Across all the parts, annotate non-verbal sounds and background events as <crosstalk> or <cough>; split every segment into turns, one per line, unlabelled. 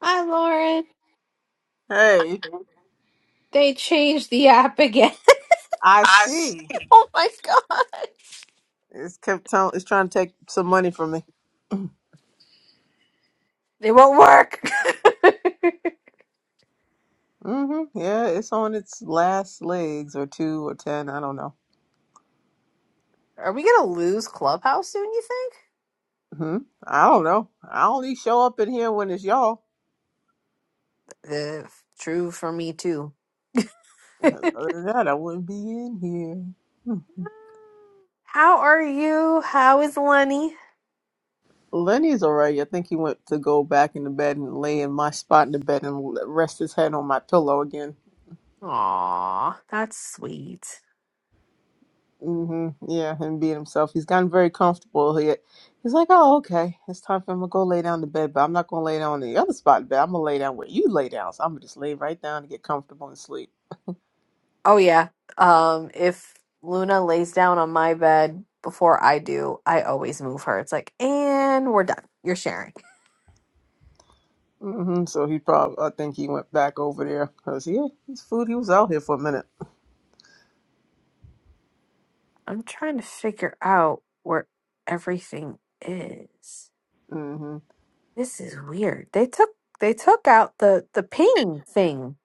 Hi, Lauren.
Hey,
They changed the app again. <laughs>
I see.
Oh my god.
It's kept telling. It's trying to take some money from me.
It won't work.
mm hmm Yeah, it's on its last legs, or two, or ten. I don't know.
<laughs> Are we gonna lose Clubhouse soon, you think?
hmm I don't know. I only show up in here when it's y'all.
Uh, true for me too. <laughs>
<laughs> Other than that, I wouldn't be in here.
How are you? How is Lenny?
Lenny's alright. I think he went to go back in the bed and lay in my spot in the bed and l- rest his head on my pillow again.
Aw, that's sweet.
hmm Yeah, him being himself. He's gotten very comfortable. He, he's like, oh, okay, it's time for him to go lay down in the bed, but I'm not going to lay down on the other spot of the bed. I'm going to lay down where you lay down. So I'm going to just lay right down and get comfortable and sleep.
Oh yeah. Um, if Luna lays down on my bed before I do, I always move her. It's like, and we're done. You're sharing.
hmm So he probably, I think he went back over there because he, his food. He was out here for a minute.
I'm trying to figure out where everything is.
hmm
This is weird. They took they took out the the ping thing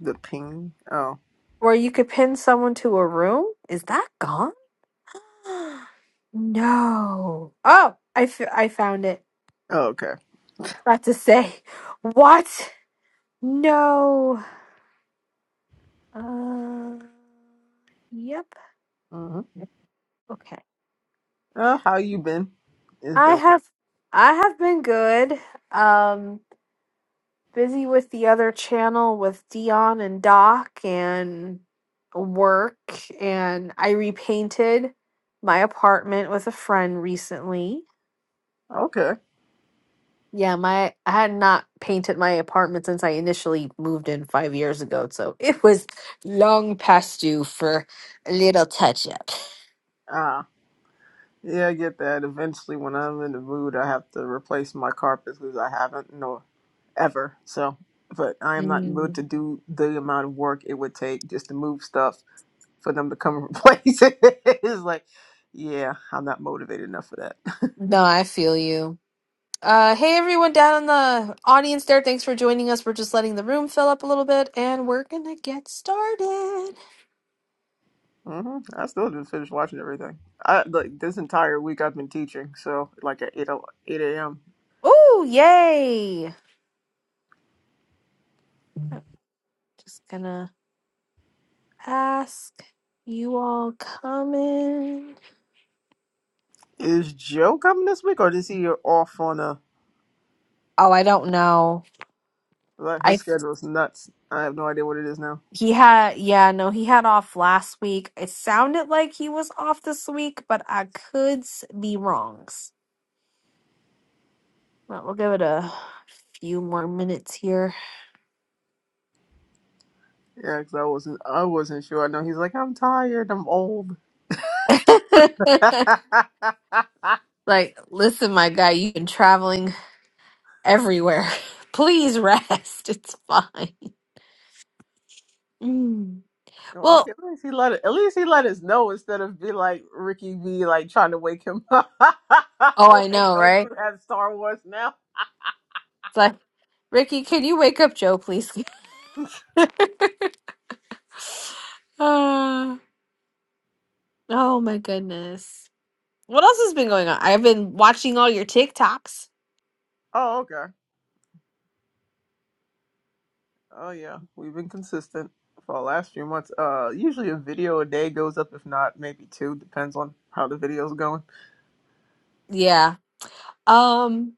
The ping. Oh,
where you could pin someone to a room. Is that gone? <gasps> no. Oh, I f- I found it.
oh okay.
About to say <laughs> what? No. Uh, yep.
hmm
Okay.
Uh, how you been? It's
I
been a
have I have been good. Um busy with the other channel with Dion and Doc and work and I repainted my apartment with a friend recently.
while. Okay.
Yeah, my I had not painted my apartment since I initially moved in 5 years ago, so it was long past due for a little touch up.
Ah. Yeah, I get that. Eventually, when I'm in the mood, I have to replace my carpets because I haven't, no, ever. So, but I am not in the mood
Mm,
to do the amount of work it would take just to move stuff for them to come and <laughs> replace it. it's like, yeah, I'm not motivated enough for that. <laughs>
no, I feel you. Uh, hey everyone down in the audience there. Thanks for joining us. We're just letting the room fill up a little bit and we're gonna get started.
hmm I still didn't finish watching everything. I like this entire week I've been teaching, so like at 8, o- 8 a.m.
Ooh, yay! I'm just gonna ask you all coming.
Is Joe coming this week, or is he off on a?
Oh, I don't know.
Like, his
I
schedule's nuts. I have no idea what it is now.
he had yeah, no, he had off last week. It sounded like he was off this week, but I could s- be wrong. Well, we'll give it a few more minutes here.
Yeah, cause I wasn't I wasn't sure. I know he's like, I'm tired, I'm old. <laughs>
<laughs> like, listen, my guy, you've been traveling everywhere. <laughs> Please rest. It's fine. Mm.
Well,
Well,
at least he let it, at least he let us know instead of be like Ricky B like trying to wake him up. <laughs> like,
oh, I know,
don't
right?
you have Star Wars now?
It's like, Ricky, can you wake up Joe, please? <laughs> Uh, oh my goodness. What else has been going on? I've been watching all your TikToks.
Oh, okay. Oh yeah. We've been consistent for the last few months. Uh usually a video a day goes up, if not maybe two, depends on how the video's going.
Yeah. Um,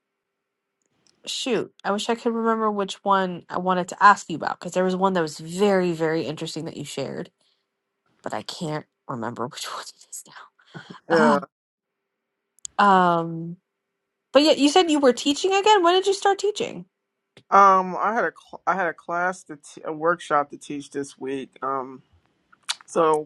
shoot. I wish I could remember which one I wanted to ask you about because there was one that was very, very interesting that you shared, but I can't remember which <laughs> one it is
Yeah.
now. Uh, um, but yeah, you said you were teaching again. When did you start teaching?
Um I had a cl- I had a class to t- a workshop to teach this week. Um so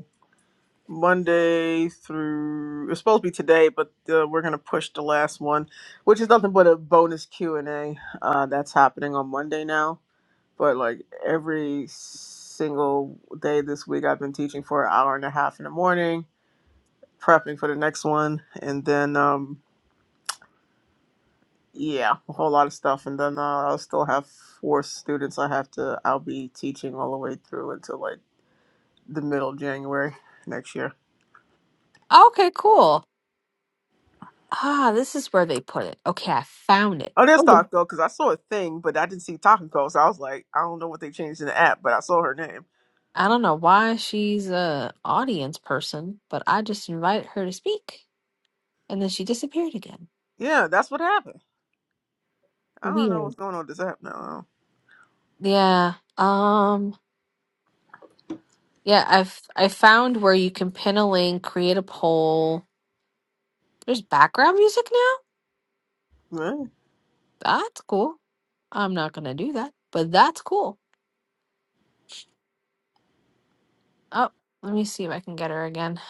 Monday through it's supposed to be today, but uh, we're gonna push the last one, which is nothing but a bonus Q and A. Uh, that's happening on Monday now. But like every single day this week, I've been teaching for an hour and a half in the morning, prepping for the next one, and then um, yeah, a whole lot of stuff. And then uh, I'll still have four students. I have to. I'll be teaching all the way through until like the middle of January next year.
Okay, cool. Ah, this is where they put it. Okay, I found it.
Oh, there's
Oh,
Taco, because I saw a thing, but I didn't see Taco, so I was like, I don't know what they changed in the app, but I saw her name.
I don't know why she's a audience person, but I just invited her to speak and then she disappeared again.
Yeah, that's what happened. I don't know
Weird.
what's going on with this app now.
Yeah. Um yeah, I've I found where you can pin a link, create a poll. There's background music now?
Really?
That's cool. I'm not gonna do that, but that's cool. Oh, let me see if I can get her again.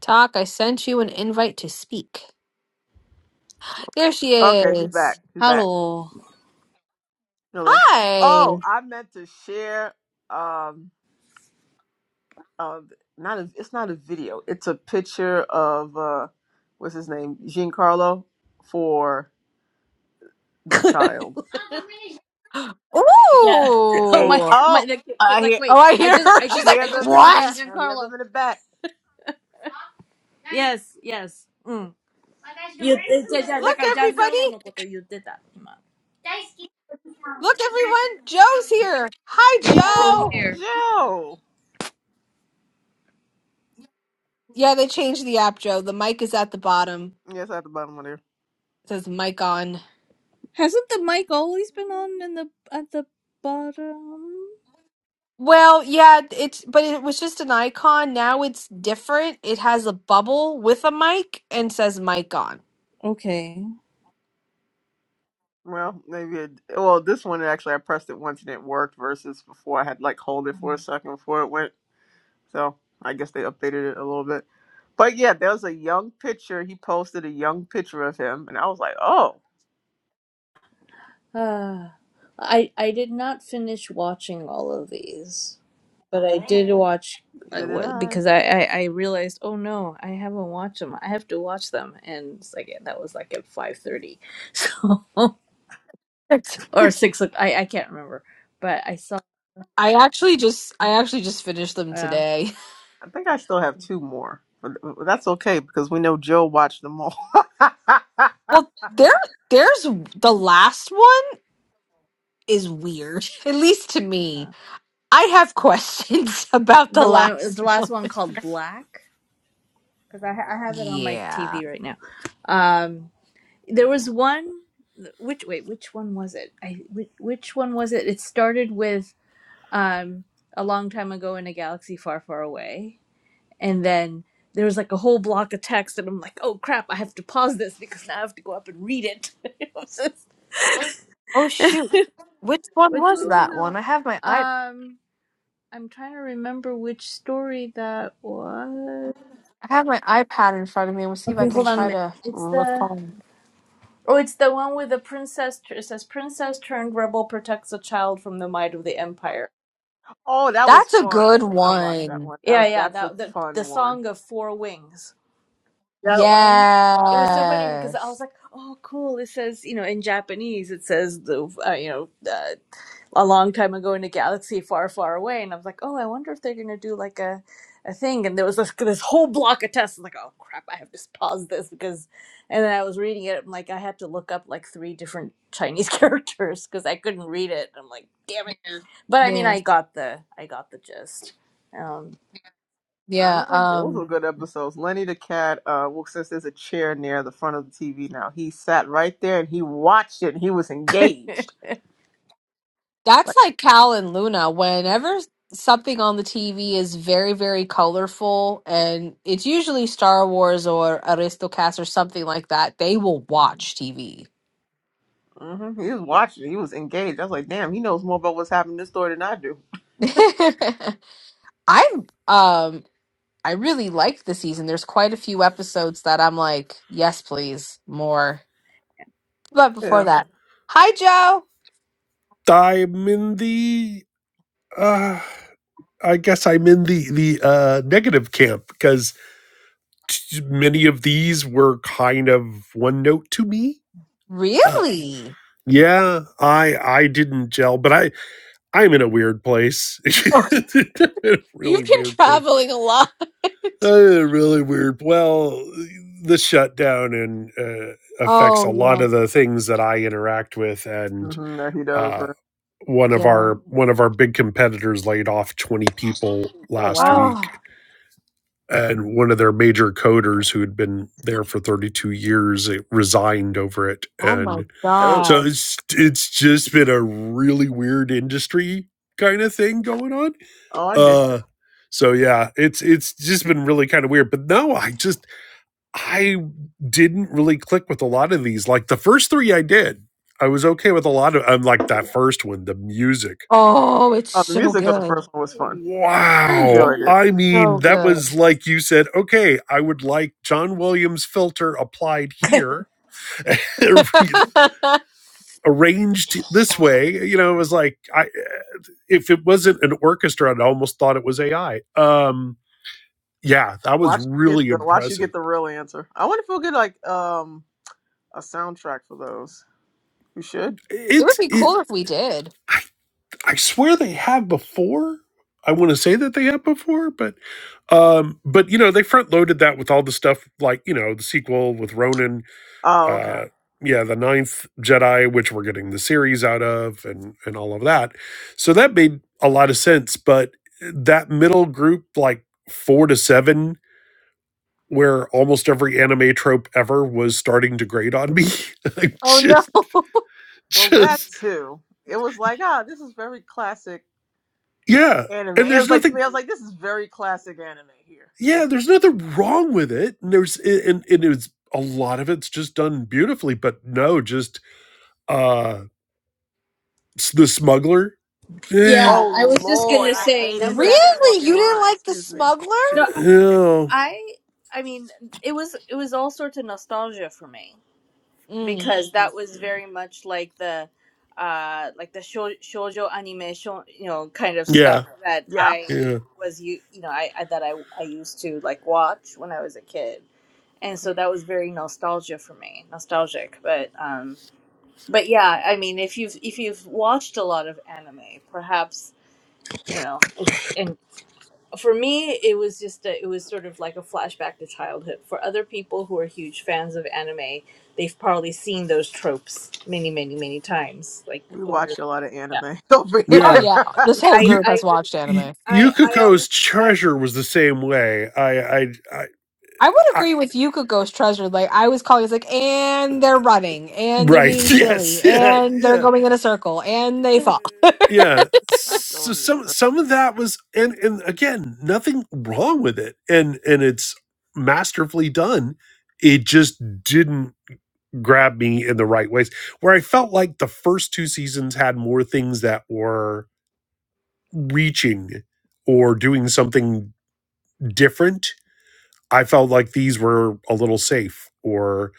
Talk, I sent you an invite to speak. There she
Okay, she's
is.
back. She's back.
Hello.
Hello. Oh,
Hi.
I meant to share. Um, uh, not a. It's not a video. It's a picture of uh, what's his name, Giancarlo, for the child.
<gasps>
Yeah. <laughs> Oh
Hey,
my
Ooh.
my
oh,
the kid- kid's
I
like,
hear,
Oh,
wait,
I
I
hear
just
her. <laughs>
I
I
She's
just
like,
I
hear
just
them in
heard
the
the name
back.
what?
I hear them
Giancarlo.
in the back.
Yes, yes. Mm. You did
Look,
Giancarlo no
everybody.
koto
Look, everyone. Joe's here. Hi,
Oh,
Joe.
here.
Joe.
Yeah, they changed the app, Joe. The mic is at the bottom.
Yes, at the bottom of there.
It says mic on.
Hasn't the mic always been on in the at the bottom?
Well, yeah, it's but it was just an icon. Now it's different. It has a bubble with a mic and says mic on.
Okay.
Well, maybe. It, well, this one actually, I pressed it once and it worked. Versus before, I had to, like hold it for a second before it went. So I guess they updated it a little bit. But yeah, there was a young picture. He posted a young picture of him, and I was like, oh,
Ah, I I did not finish watching all of these, but I did watch I
neither did
wa-
I.
because I, I I realized oh no I haven't watched them I have to watch them and it's like that was like at five thirty <laughs> so
<laughs> It's-
or six o- I I can't remember but I saw
I actually just I actually just finished them
yeah
today. <laughs>
I think I still have two more, but that's okay because we know Joe watched them all.
Well, there there's the last one is weird. <laughs> At least to me.
uh-huh.
I have questions <laughs> about the
the li-
last
the last
one.
one called Black because I ha- I have it on my
Yeah.
TV right now um there was
<laughs>
one which wait which one was it I which, which one was it it started with um, a long time ago in a galaxy far, far away. And then there was like a whole block of text, and I'm like, oh crap, I have to pause this because now I have to go up and read it. <laughs> It was just-
Oh
<laughs>
shoot. Which one
which
was
one was
that
that
one?
one?
I have my i
Um, I'm trying to remember which story that was.
I have my iPad in front of me. We'll see if I
Okay,
can
hold on a
try
minute.
to
It's the
recall.
oh, it's the one with the princess. It says princess turned rebel protects a child from the might of the empire.
oh, that was
That's a
fun.
good
I watched that
one.
one. That
Yeah,
was
yeah,
that's a
that the
fun
the
one.
song of four wings. that one. It was so funny because I was
Yes.
like, "Oh, cool! It says, you know, in Japanese, it says the, uh, you know, uh, a long time ago in a galaxy far, far away." And I was like, "Oh, I wonder if they're gonna do like a, a thing." And there was this, this whole block of tests. I'm like, "Oh crap! I have to pause this because," and then I was reading it. I'm like, I had to look up like three different Chinese <laughs> characters because I couldn't read it. I'm like, "Damn it!" But I mean,
Yeah.
I got the, I got the gist. Um,
I
Yeah.
know those were
Um
good episodes. Lenny the cat. Uh, well, since there's a chair near the front of the TV now, he sat right there and he watched it. and He was engaged.
that's
Like
like Cal and Luna. Whenever something on the TV is very, very colorful and it's usually Star Wars or Aristocats or something like that, they will watch TV.
hmm he was watching. it, He was engaged. I was like, damn, he knows more about what's happening in this story than I do.
<laughs> I'm um I really liked the season. There's quite a few episodes that I'm like, yes, please, more. But before
Yeah,
that, hi Joe.
I'm in the uh I guess I'm in the the uh negative camp because t- many of these were kind of one note to me. Uh
Really?
yeah, I I didn't gel, but I I'm in a weird place.
Oh, <laughs>
<laughs> A really
You've been
weird place.
traveling a lot. <laughs>
Uh, really weird. Well, the shutdown and uh affects
oh
a lot
yeah,
of the things that I interact with and
mm-hmm, that he does.
uh
Right?
one of
yeah.
our one of our big competitors laid off 20 people
Oh
last
wow.
Oh,
week and one of their major coders who had been there for 32 years it resigned over it
oh my
and
Oh,
so
gosh.
it's it's just been a really weird industry kind of thing going on
oh, I get. You.
uh so yeah it's it's just been really kind of weird but no i just i didn't really click with a lot of these like the first three i did i was okay with a lot of i'm like that first one the music
Oh, it's
Oh, the
so
music of the
good,
first one was fun. I
Wow.
enjoyed it.
I mean,
so
that
good.
was like you said, okay, I would like John Williams' filter applied here, <laughs>
<laughs> it
arranged this way. You know, it was like, I, eh, if it wasn't an orchestra, i almost thought it was AI. Um, yeah, that was
Watch you get
really
the watch you get
impressive.
the real answer. I wonder if we'll get like um a soundtrack for those. We should.
would
It's,
be
it,
cool if we did.
I, I swear they have before. I want to say that they have before, but um, but you know, they front loaded that with all the stuff like, you know, the sequel with Ronan
Oh, okay.
uh, yeah, the Ninth Jedi, which we're getting the series out of, and and all of that. So that made a lot of sense. But that middle group, like four to seven, where almost every anime trope ever was starting to grate on me, <laughs> like
Oh no,
just
Well, that
just
too. It was like, ah, this is very classic
yeah.
anime.
And
It
there's
was like to
nothing,
me, I was like, this is very classic anime here. Yeah.
yeah, there's nothing wrong with it. And there's and and it was a lot of it's just done beautifully. But no, just uh, s- the smuggler, eh,
Yeah,
Oh
I was just
Lord,
gonna
I
say
hated
number
that
seven.
really?
fucking
You didn't
line.
like the
Excuse me.
smuggler?
no,
no.
I I mean, it was it was all sorts of nostalgia for me
Mm.
because that
Let's
was
see.
very much like the uh like the shou- shoujo anime shou- you know kind of
yeah.
stuff that
Yeah,
I
Yeah,
was you you know I, I that I I used to like watch when I was a kid. And so that was very nostalgia for me, nostalgic. But um but yeah, I mean, if you've if you've watched a lot of anime, perhaps, you know, for me it was just a, it was sort of like a flashback to childhood for other people who are huge fans of anime they've probably seen those tropes many many many times like
we
over
watch a lot of
yeah
anime <laughs> over here,
Oh
yeah
yeah.
yeah,
<laughs>
this whole
so
i
You,
it's
group
i
has
did-
watched
y
anime.
i i
Yukako's
honestly i
treasure was the same way. I, I, I,
I would
I
agree with Yuka Ghost Treasure. Like I was calling, it's like, and they're running, and they're being
right. <laughs>
silly,
Yes. Yeah.
and they're
Yeah.
going in a circle, and they
<laughs>
fall. <laughs>
Yeah.
not
So
going to
some
stuff.
some of that was, and and again, nothing wrong with it, and and it's masterfully done. It just didn't grab me in the right ways. Where I felt like the first two seasons had more things that were reaching or doing something different I felt like these were a little safe or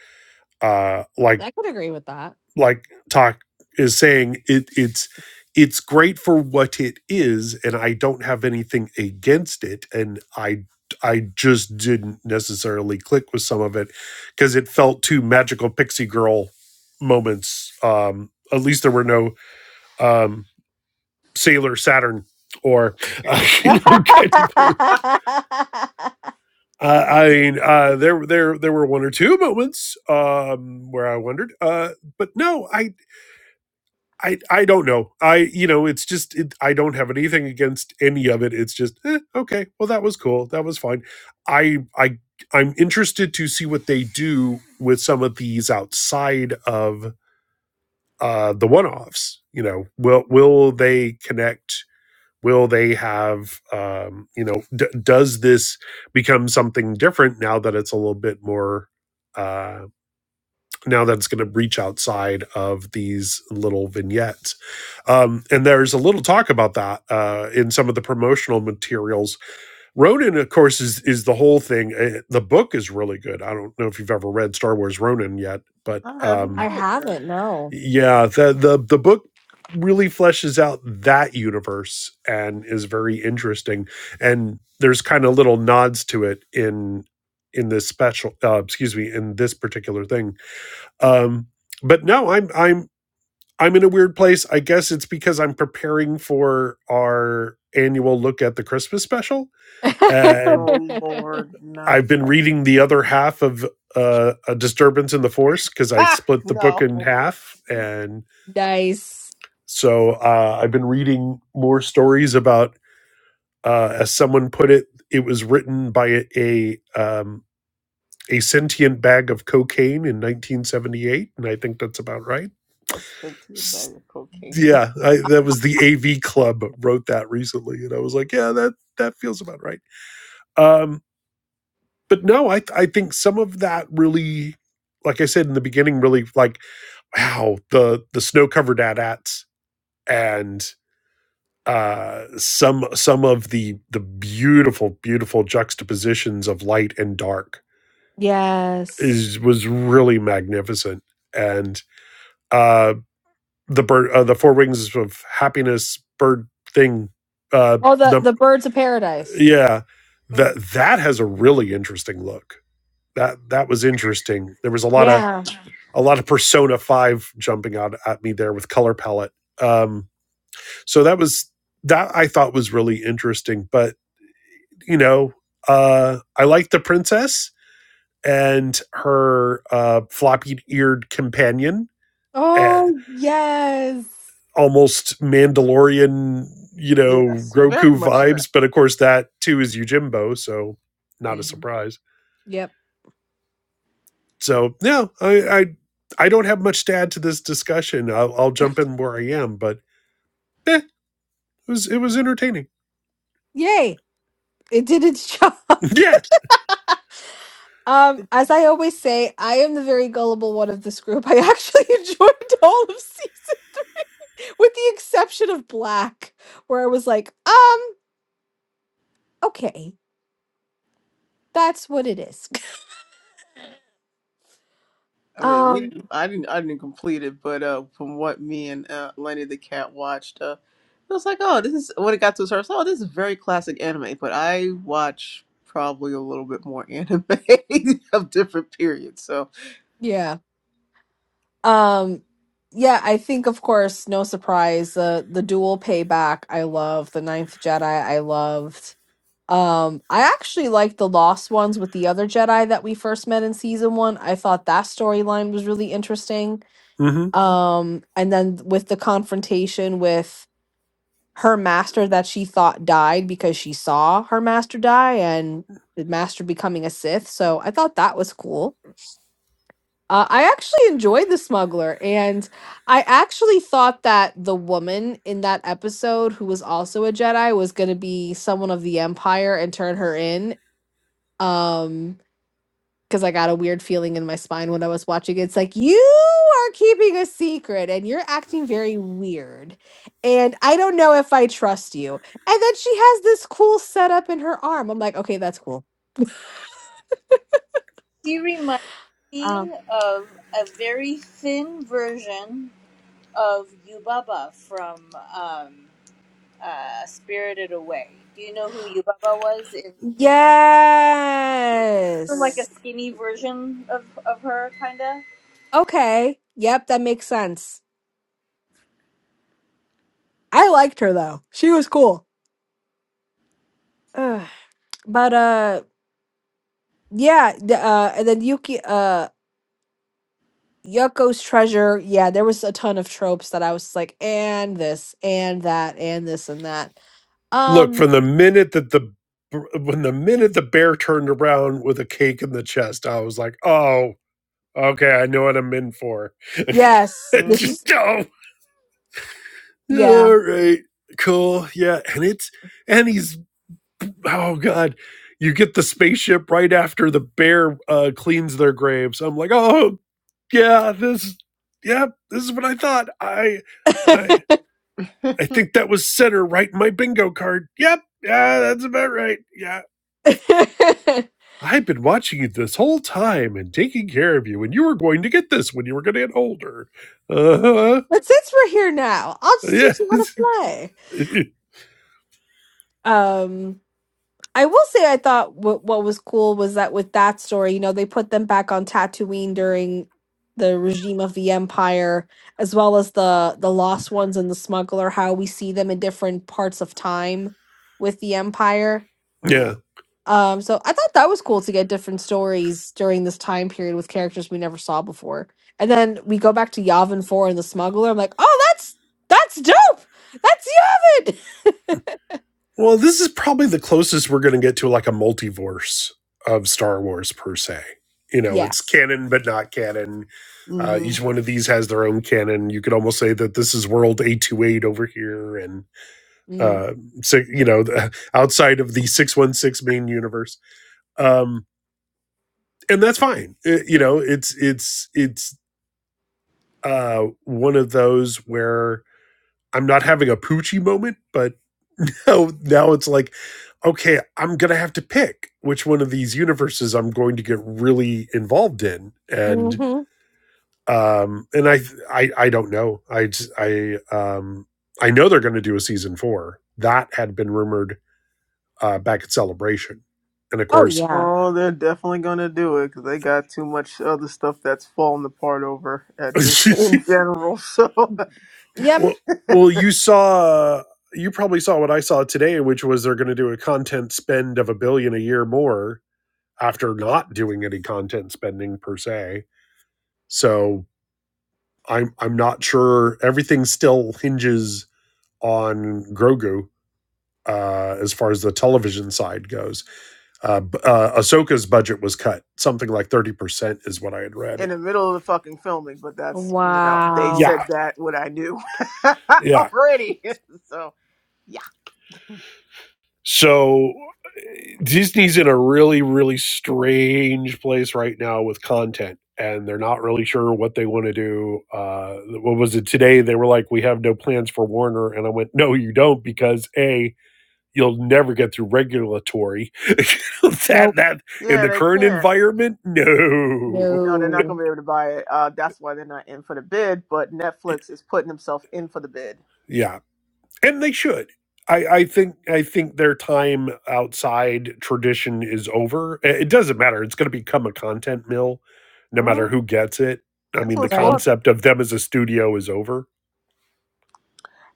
uh like
I could agree with that.
like talk is saying it it's it's great for what it is and I don't have anything against it and I I just didn't necessarily click with some of it because it felt too magical pixie girl moments um at least there were no um sailor saturn or <laughs> uh, you
<laughs>
know kind of
<laughs>
Uh,
You
I
message
mean,
me on
uh, there there there were one or two moments um, where I wondered, uh, but no, I I I don't know. I you know, it's just it, I don't have anything against any of it. It's just eh, okay. Well, that was cool. That was fine. I I I'm interested to see what they do with some of these outside of uh, the one offs. You know, will will they connect? will they have um, you know d- does this become something different now that it's a little bit more uh, now that it's going to reach outside of these little vignettes um, and there's a little talk about that uh, in some of the promotional materials ronin of course is is the whole thing Uh, the book is really good i don't know if you've ever read star wars ronin yet but
some- <laughs> I
um,
haven't
I
read it yet.
haven't. No.
yeah the the the book really fleshes out that universe and is very interesting and there's kind of little nods to it in in this special uh, excuse me in this particular thing um but no i'm i'm i'm in a weird place i guess it's because i'm preparing for our annual look at the christmas special and
Oh
<laughs>
Lord, not
i've been
that.
reading the other half of uh, a disturbance in the force because
<laughs>
i
Ah,
split the book
no,
in half and
nice.
So uh, I've been reading more stories about, uh, as someone put it, it was written by a a, um, a sentient bag of cocaine in 1978, and I think that's about right.
I sent you a bag
S-
of cocaine.
Yeah, I, that was the AV Club wrote that recently, and I was like, yeah, that that feels about right. Um, but no, I I think some of that really, like I said in the beginning, really like wow the the snow covered at ats and uh some some of the the beautiful beautiful juxtapositions of light and dark
Yes.
is was really magnificent and uh the bird uh, the four wings of happiness bird thing uh
Oh, the
num-
the birds of paradise.
yeah
<laughs>
that that has a really interesting look that that was interesting there was a lot of
Yeah.
a lot of persona 5 jumping out at me there with color palette um so that was that i thought was really interesting but you know, uh, I like the princess and her uh, floppy eared companion, uh,
Oh yes.
almost Mandalorian, you know,
yes, very
Grogu
much that.
vibes. But of course, that too is Yojimbo, so not a
hmm
surprise.
Yep.
So yeah, I I, I don't have much to add to this discussion. I'll, I'll jump in where I am, but eh, it was it was entertaining.
Yay! It did its job. <laughs>
<laughs> yeah.
Um, as I always say, I am the very gullible one of this group. I actually <laughs> enjoyed all of season <laughs> three, with the exception of Black, where I was like, um, okay, that's what it is. <laughs>
I mean, we
Um,
didn't. I didn't. I didn't complete it, but uh, from what me and uh, Lenny the cat watched, uh, it was like, oh, this is when it got to a certain. Oh, this is very classic anime. But I watch probably a little bit more anime <laughs> of different periods. So,
Yeah. Um, yeah, I think of course, no surprise, the the dual payback I love, the ninth Jedi I loved. Um, I actually liked the Lost Ones with the other Jedi that we first met in season one. I thought that storyline was really interesting.
Mm-hmm.
Um, and then with the confrontation with her master that she thought died because she saw her master die and the master becoming a Sith. So I thought that was cool. Uh, I actually enjoyed The Smuggler, and I actually thought that the woman in that episode, who was also a Jedi, was going to be someone of the Empire and turn her in. Um, because I got a weird feeling in my spine when I was watching it. It's like, you are keeping a secret and you're acting very weird. And I don't know if I trust you. And then she has this cool setup in her arm. I'm like, okay, that's cool.
She reminds me of a very thin version of Yubaba from um, uh, Spirited Away. Do you know who Yubaba was? It's sort of like a
Yes.
skinny version of, of her, kind of.
Okay. Yep, that makes sense. I liked her though. She was cool. Ugh. But uh yeah, the, uh and then Yuki uh Yoko's treasure. Yeah, there was a ton of tropes that I was like and this and that and this and that.
Look,
Um
from the minute that the when the minute the bear turned around with a cake in the chest, I was like, "Oh, okay, I know what I'm in for."
yes, this is
Mm-hmm.
<laughs> oh,
yeah.
all right, cool, yeah, and it's and he's oh god, you get the spaceship right after the bear uh, cleans their graves. I'm like, "Oh yeah, this, yeah, this is what I thought." I,
<laughs> but
I, I think that was center right in my bingo card. Yep, yeah, that's about right. Yeah." I've been watching you this whole time and taking care of you, and you were going to get this when you were going to get older. Uh huh.
since we're here now, I'll just teach you how to
Yes.
play.
<laughs>
Um I will say I thought what what was cool was that with that story, you know, they put them back on Tatooine during the regime of the Empire, as well as the the Lost Ones and the Smuggler. How we see them in different parts of time with the Empire.
<laughs>
yeah.
Um, so I thought that was cool to get different stories during this time period with characters we never saw before. And then we go back to Yavin Four and the Smuggler. I'm like, oh, that's that's dope. That's Yavin.
Well, this is probably the closest we're going to get to like a multiverse of Star Wars per se. You
<laughs>
know, it's
yes.
canon but not canon. Uh,
mm-hmm.
each one of these has their own canon. You could almost say that this is World A two eight over here, and
Mm.
uh, so you know, the, <laughs> outside of the six one six main universe. Um, and that's fine. Uh, you know, it's it's it's uh, one of those where I'm not having a poochie moment, but <laughs> now, now it's like, okay, I'm going to have to pick which one of these universes I'm going to get really involved in. And,
hmm
um, and I, I, I don't know. I, I, um, I know they're going to do a season four that had been rumored, uh, back at celebration. And of
Oh
course,
yeah.
oh, they're definitely gonna do it because they got too much other stuff that's falling apart over at this
<laughs>
in general. So.
Yep.
Well,
<laughs>
well, you saw, you probably saw what I saw today, which was they're going to do a content spend of a billion a year more after not doing any content spending per se. So I'm I'm not sure. Everything still hinges on Grogu uh, as far as the television side goes. Uh, uh, Ahsoka's budget was cut something like thirty percent, is what I had read.
in the middle of the fucking filming, but that's you know they
Wow.
said
Yeah,
that what I knew <laughs>
yeah.
already. <laughs> so yeah,
So. Disney's in a really, really strange place right now with content, and they're not really sure what they want to do. Uh, what was it today? They were like, "We have no plans for Warner," and I went, "No, you don't, because a you'll never get through regulatory <laughs> that
Nope.
that in
yeah,
the
they
current
can't.
environment, no."
No, they're not
No.
going to be able to buy it. Uh, that's why they're not in for the bid. But Netflix is putting themselves in for the bid.
Yeah, and they should. I, I think I think their time outside tradition is over. It doesn't matter. It's going to become a content mill, no matter
hmm
who gets it. I
That's
mean,
what
the
it's
Right.
for.
concept of them as a studio is over.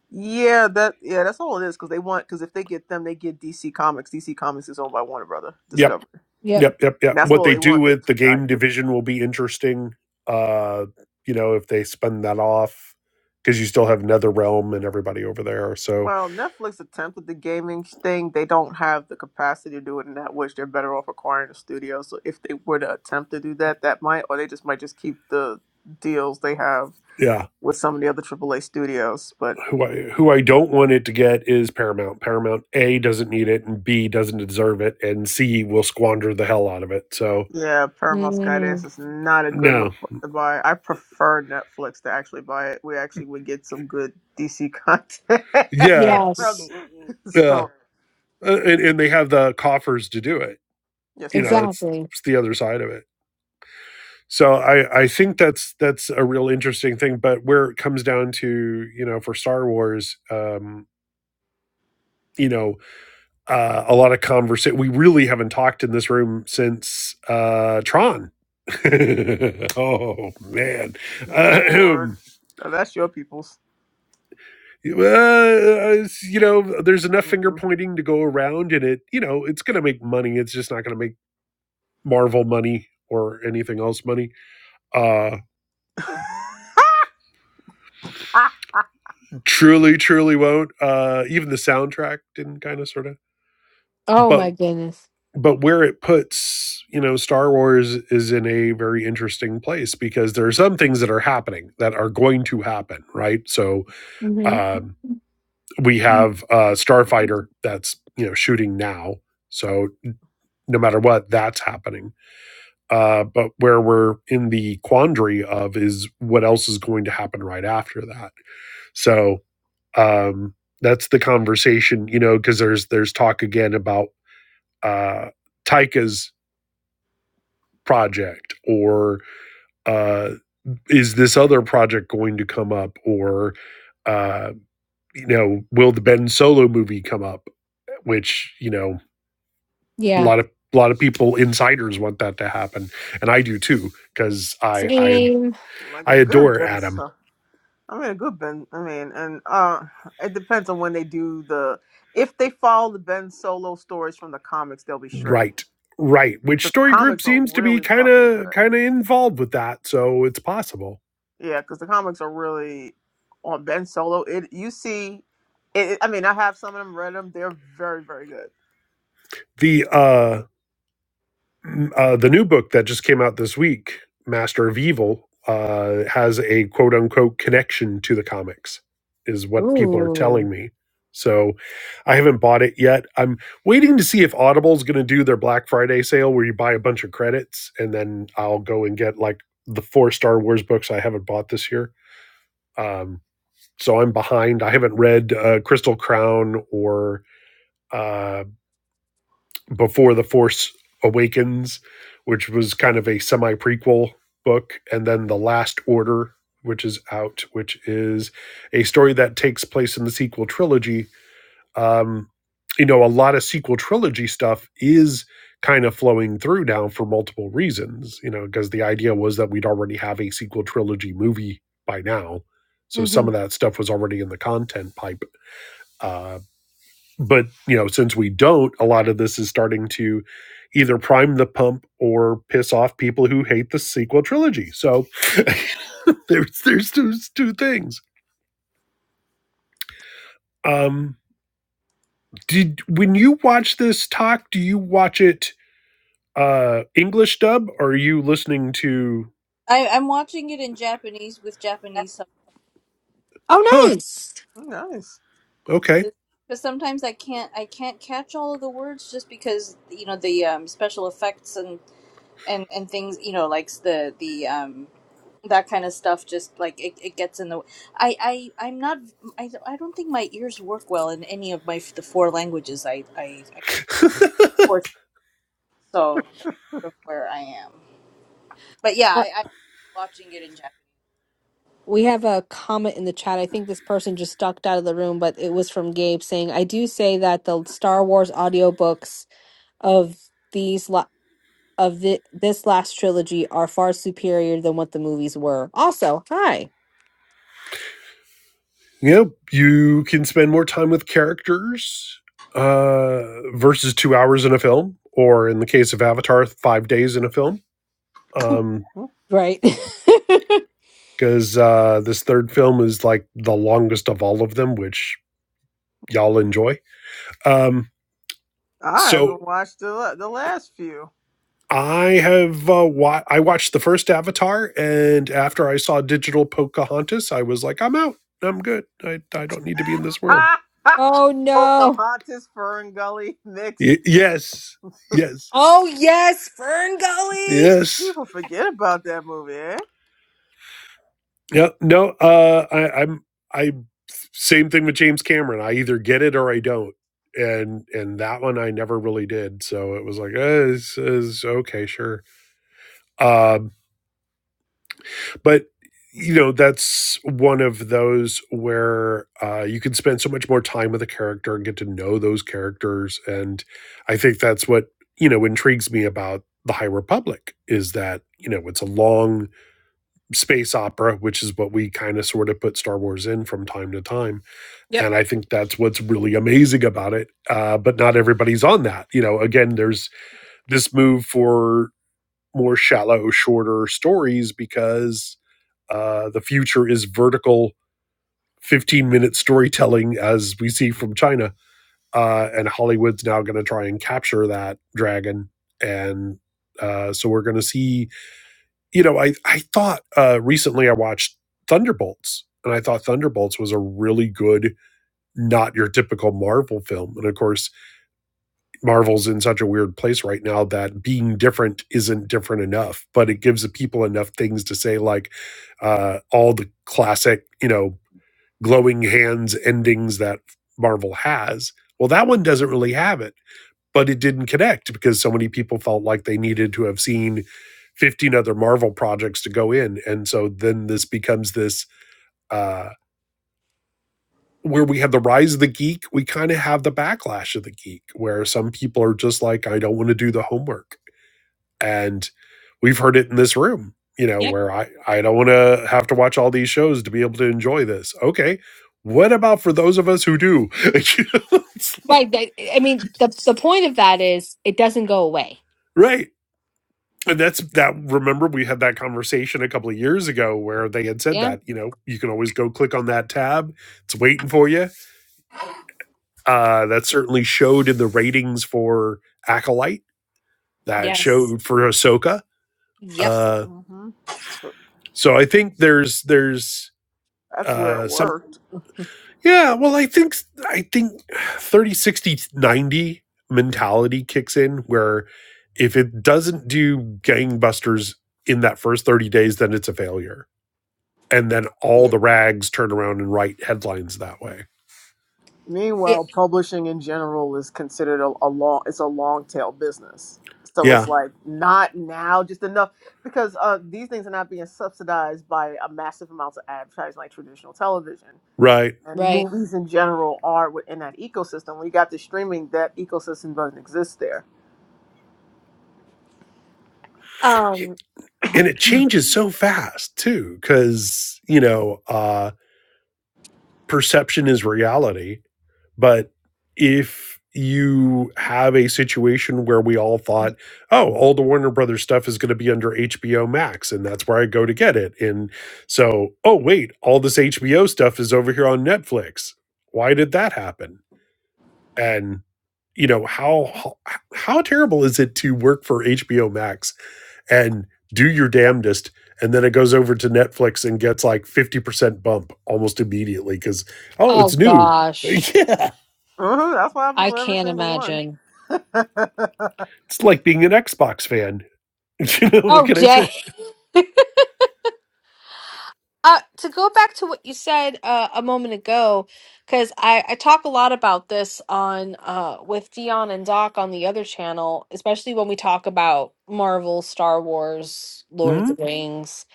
Yeah, that yeah, that's all it is. Because they want because if they get them, they get DC Comics. DC Comics is owned by Warner Brother
Yep,
Discovery,
Yep.
yep, yep,
and
yep.
that's
What
all
they
they
do
want. They
with
just
the
want the
game
IP.
division will be interesting. Uh, you know, if they spin that off, because you still have Nether Realm and everybody over there. So
Well, Netflix attempted the gaming thing. They don't have the capacity to do it in that which they're better off acquiring a studio. So if they were to attempt to do that, that might, or they just might just keep the deals they have
yeah.
with some of the other AAA studios. But
who I who I don't want it to get is Paramount. Paramount A doesn't need it, and B doesn't deserve it, and C will squander the hell out of it. So
yeah, Paramount Skydance
Mm.
is not a good look
no,
for to buy. I prefer Netflix to actually buy it. We actually would get some good DC content
yeah,
<laughs> from.
Yes.
yeah,
So
Uh, and, and they have the coffers to do it.
yes,
You
they
know,
do.
that's
Exactly.
it's the other side of it. So I I think that's that's a real interesting thing. But where it comes down to, you know, for Star Wars, um, you know, uh, a lot of conversation. We really haven't talked in this room since uh, Tron <laughs> oh man, uh, <clears throat>
Lord,
um,
now that's your people's.
well, it's, you know, there's enough finger
hmm
pointing to go around, and it, you know, it's going to make money. It's just not going to make Marvel money or anything else money. Uh, truly, truly won't. Uh, even the soundtrack didn't kind of sort of,
Oh
but
my goodness.
but where it puts you know star wars is in a very interesting place because there are some things that are happening that are going to happen right so
hmm
um. we have a starfighter that's you know shooting now so no matter what that's happening uh but where we're in the quandary of is what else is going to happen right after that so um that's the conversation you know because there's there's talk again about uh taika's project or uh is this other project going to come up or uh you know will the ben solo movie come up which you know a
Yeah.
lot of a lot of people insiders want that to happen, and I do too because I I
Same.
Like a
I
good
adore
business.
Adam
I mean, a good Ben. I mean, and uh, it depends on when they do the. If they follow the Ben Solo stories from the comics, they'll be straight
Right, Right, which
because the
story group
comics are
seems to be
really
kind
fucking
of
good.
kind of involved with that, so it's possible.
Yeah, because the comics are really on Ben Solo. It you see, it. I mean, I have some of them read them. They're very very good.
The uh uh, the new book that just came out this week, Master of Evil, uh, has a quote unquote connection to the comics, is what people are
Ooh.
telling me. So I haven't bought it yet. I'm waiting to see if Audible's going to do their Black Friday sale where you buy a bunch of credits and then I'll go and get like the four Star Wars books I haven't bought this year. Um, so I'm behind. I haven't read uh, Crystal Crown or uh, before the Force Awakens, which was kind of a semi prequel book, and then the Last Order, which is out, which is a story that takes place in the sequel trilogy. Um, you know, a lot of sequel trilogy stuff is kind of flowing through now for multiple reasons. You know, because the idea was that we'd already have a sequel trilogy movie by now. So
hmm
some of that stuff was already in the content pipe. Uh but you know since we don't a lot of this is starting to either prime the pump or piss off people who hate the sequel trilogy so <laughs> there's there's two, two things um did when you watch this talk do you watch it uh english dub or are you listening to
I, I'm watching it in Japanese with Japanese
Oh,
huh
nice.
Nice.
okay
subtitles because sometimes I can't I can't catch all of the words just because you know the um, special effects and, and and things you know like the the um that kind of stuff just like it, it gets in the I I I'm not I, I don't think my ears work well in any of my the four languages I I, I support so that's sort of where I am but yeah
Uh,
I, I watching it in Japanese
we have a comment in the chat. I think this person just ducked out of the room, but it was from Gabe saying, "I do say that the Star Wars audiobooks of these la- of thi- this last trilogy are far superior than what the movies were." Also, hi.
you know you can spend more time with characters uh versus two hours in a film or in the case of avatar five days in a film Um,
Mm-hmm.
Right.
because uh, this third film is like the longest of all of them, which y'all enjoy. Um,
I haven't
so
watched the la- the last few.
I have uh, wa- I watched the first Avatar, and after I saw Digital Pocahontas, I was like, I'm out. I'm good. I I don't need to be in this world.
<laughs>
<laughs> oh no.
Pocahontas, Fern Gully
Y-
mix.
yes, yes,
Oh yes, Fern Gully.
yes.
People forget about that movie, eh?
Yeah. No. Uh, I, I'm I same thing with James Cameron. I either get it or I don't. And and that one I never really did. So it was like, eh, it's, it's okay, sure Um, but you know that's one of those where uh, you can spend so much more time with a character and get to know those characters, and I think that's what you know intrigues me about the High Republic is that you know it's a long space opera, which is what we kind of sort of put Star Wars in from time to time,
Yep.
and I think that's what's really amazing about it. Uh, but not everybody's on that. You know, again, there's this move for more shallow, shorter stories because Uh, the future is vertical 15 minute storytelling as we see from China. Uh, and Hollywood's now going to try and capture that dragon. And uh, so we're going to see, you know, I, I thought uh, recently I watched Thunderbolts and I thought Thunderbolts was a really good, not your typical Marvel film. And of course, Marvel's in such a weird place right now that being different isn't different enough, but it gives the people enough things to say, like, uh, all the classic, you know, glowing hands endings that Marvel has. Well, that one doesn't really have it, but it didn't connect because so many people felt like they needed to have seen 15 other Marvel projects to go in. And so then this becomes this uh, where we have the rise of the geek, we kind of have the backlash of the geek, where some people are just like, I don't want to do the homework and we've heard it in this room you know
Yep.
where i i don't want to have to watch all these shows to be able to enjoy this okay what about for those of us who do <laughs> You know, it's
Right. that- I mean, the the point of that is it doesn't go away.
like- right and that's that remember we had that conversation a couple of years ago where they had said
Yeah.
that you know you can always go click on that tab it's waiting for you uh that certainly showed in the ratings for acolyte that
Yes.
showed for ahsoka
Yep.
uh
hmm
so i think there's there's
That's where it
uh some
worked.
Yeah, well, I think I think 30, 60, 90 mentality kicks in where if it doesn't do gangbusters in that first 30 days then it's a failure. And then all
Yeah.
the rags turn around and write headlines that way.
Yeah.
Meanwhile, publishing in general is considered a, a long it's a long tail business. So it's
Yeah,
like not now just enough because uh, these things are not being subsidized by a massive amounts of advertising like traditional television
right.
and
Right.
movies in general are within that ecosystem. We got the streaming that ecosystem doesn't exist there.
Um.
And it changes so fast too cuz you know, uh perception is reality But if you have a situation where we all thought, oh, all the Warner Brothers stuff is going to be under HBO Max, and that's where I go to get it. And so, oh, wait, all this HBO stuff is over here on Netflix. Why did that happen? And, you know, how, how, terrible is it to work for HBO Max and do your damnedest? And then it goes over to Netflix and gets like 50% bump almost immediately because, oh,
Oh
it's new. <laughs>
gosh,
yeah.
hmm that's what happens
I
with every
can't
single one.
imagine.
<laughs>
It's like being an Xbox fan. <laughs> you know what
Oh, <laughs>
can I
Jay.
say?
Uh, to go back to what you said uh, a moment ago, because I, I talk a lot about this on uh, with Dion and Doc on the other channel, especially when we talk about Marvel, Star Wars, Lord of
Hmm?
the Rings.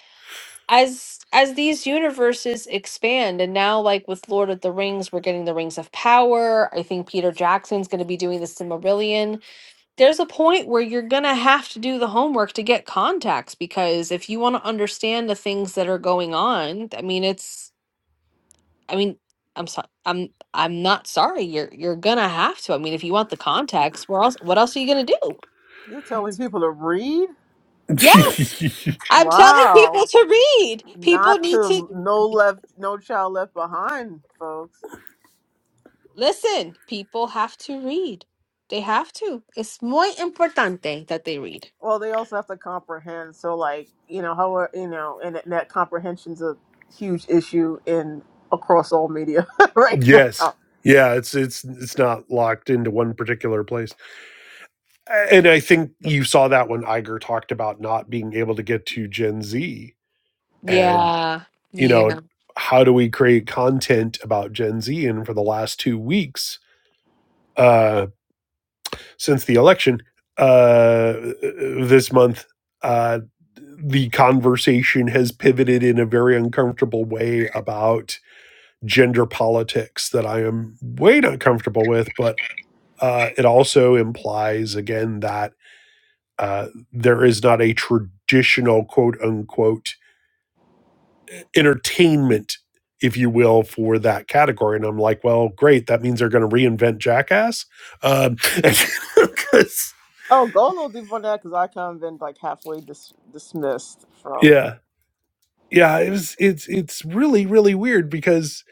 As as these universes expand, and now like with Lord of the Rings, we're getting the Rings of Power. I think Peter Jackson's going to be doing the Silmarillion there's a point where you're going to have to do the homework to get contacts because if you want to understand the things that are going on, I mean it's I mean I'm sorry I'm I'm not sorry you're you're going to have to. I mean if you want the contacts, where else what else are you going to do?
You're telling people to read?
Yes.
<laughs>
I'm telling
Wow.
people to read. People
Not
need to
to no left, no child left behind, folks.
listen. People have to read. They have to. It's muy importante that they read.
Well, they also have to comprehend. So, like you know, how are- you know, and that that comprehension's a huge issue in across all media <laughs> right
yes.
now.
Yeah, it's it's it's not locked into one particular place. And I think you saw that when Iger talked about not being able to get to Gen Z and
Yeah.
you know,
Yeah.
how do we create content about Gen Z and for the last 2 weeks uh since the election uh this month uh the conversation has pivoted in a very uncomfortable way about gender politics that I am way not comfortable with, but uh, it also implies, again, that uh, there is not a traditional quote unquote entertainment, if you will, for that category. And I'm like, well, great. That means they're going to reinvent Jackass. Um, <laughs> 'cause-
Oh, go a little deeper on that because I kind of been like halfway dis- dismissed from.
yeah. Yeah. It was, it's, it's really, really weird because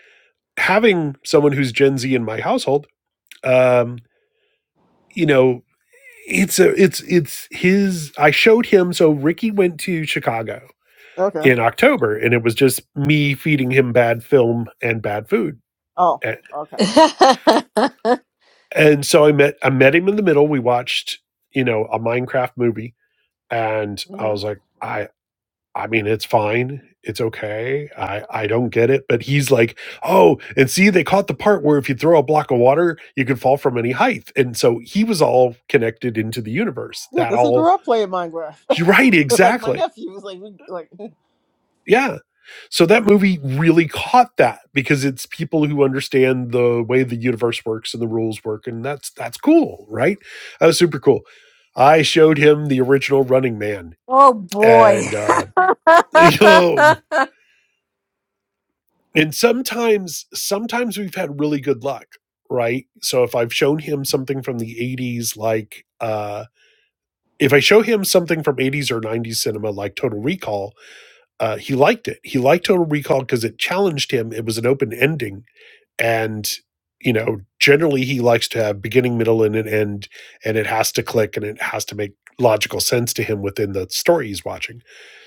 having someone who's Gen Z in my household, um, you know, it's a it's it's his i showed him so ricky went to chicago
Okay.
in october and it was just me feeding him bad film and bad food
Oh, okay.
<laughs>
and so i met i met him in the middle we watched you know a minecraft movie and i
hmm
was like i i mean it's fine it's okay i i don't get it but he's like oh and see they caught the part where if you throw a block of water you can fall from any height and so he was all connected into the universe
Yeah,
that
because he
all
grew up playing Minecraft.
right
<laughs> like my
exactly
nephew was like, we, like <laughs>
yeah. So that movie really caught that because it's people who understand the way the universe works and the rules work, and that's that's cool, right? That was super cool. I showed him the original Running Man,
oh boy.
and uh, <laughs> you know,
<laughs>
and sometimes sometimes we've had really good luck, right? So if I've shown him something from the '80s, like uh, if I show him something from '80s or '90s cinema, like Total Recall, uh, he liked it. He liked Total Recall because it challenged him. It was an open ending and you know generally he likes to have beginning middle and an end and it has to click and it has to make logical sense to him within the story he's watching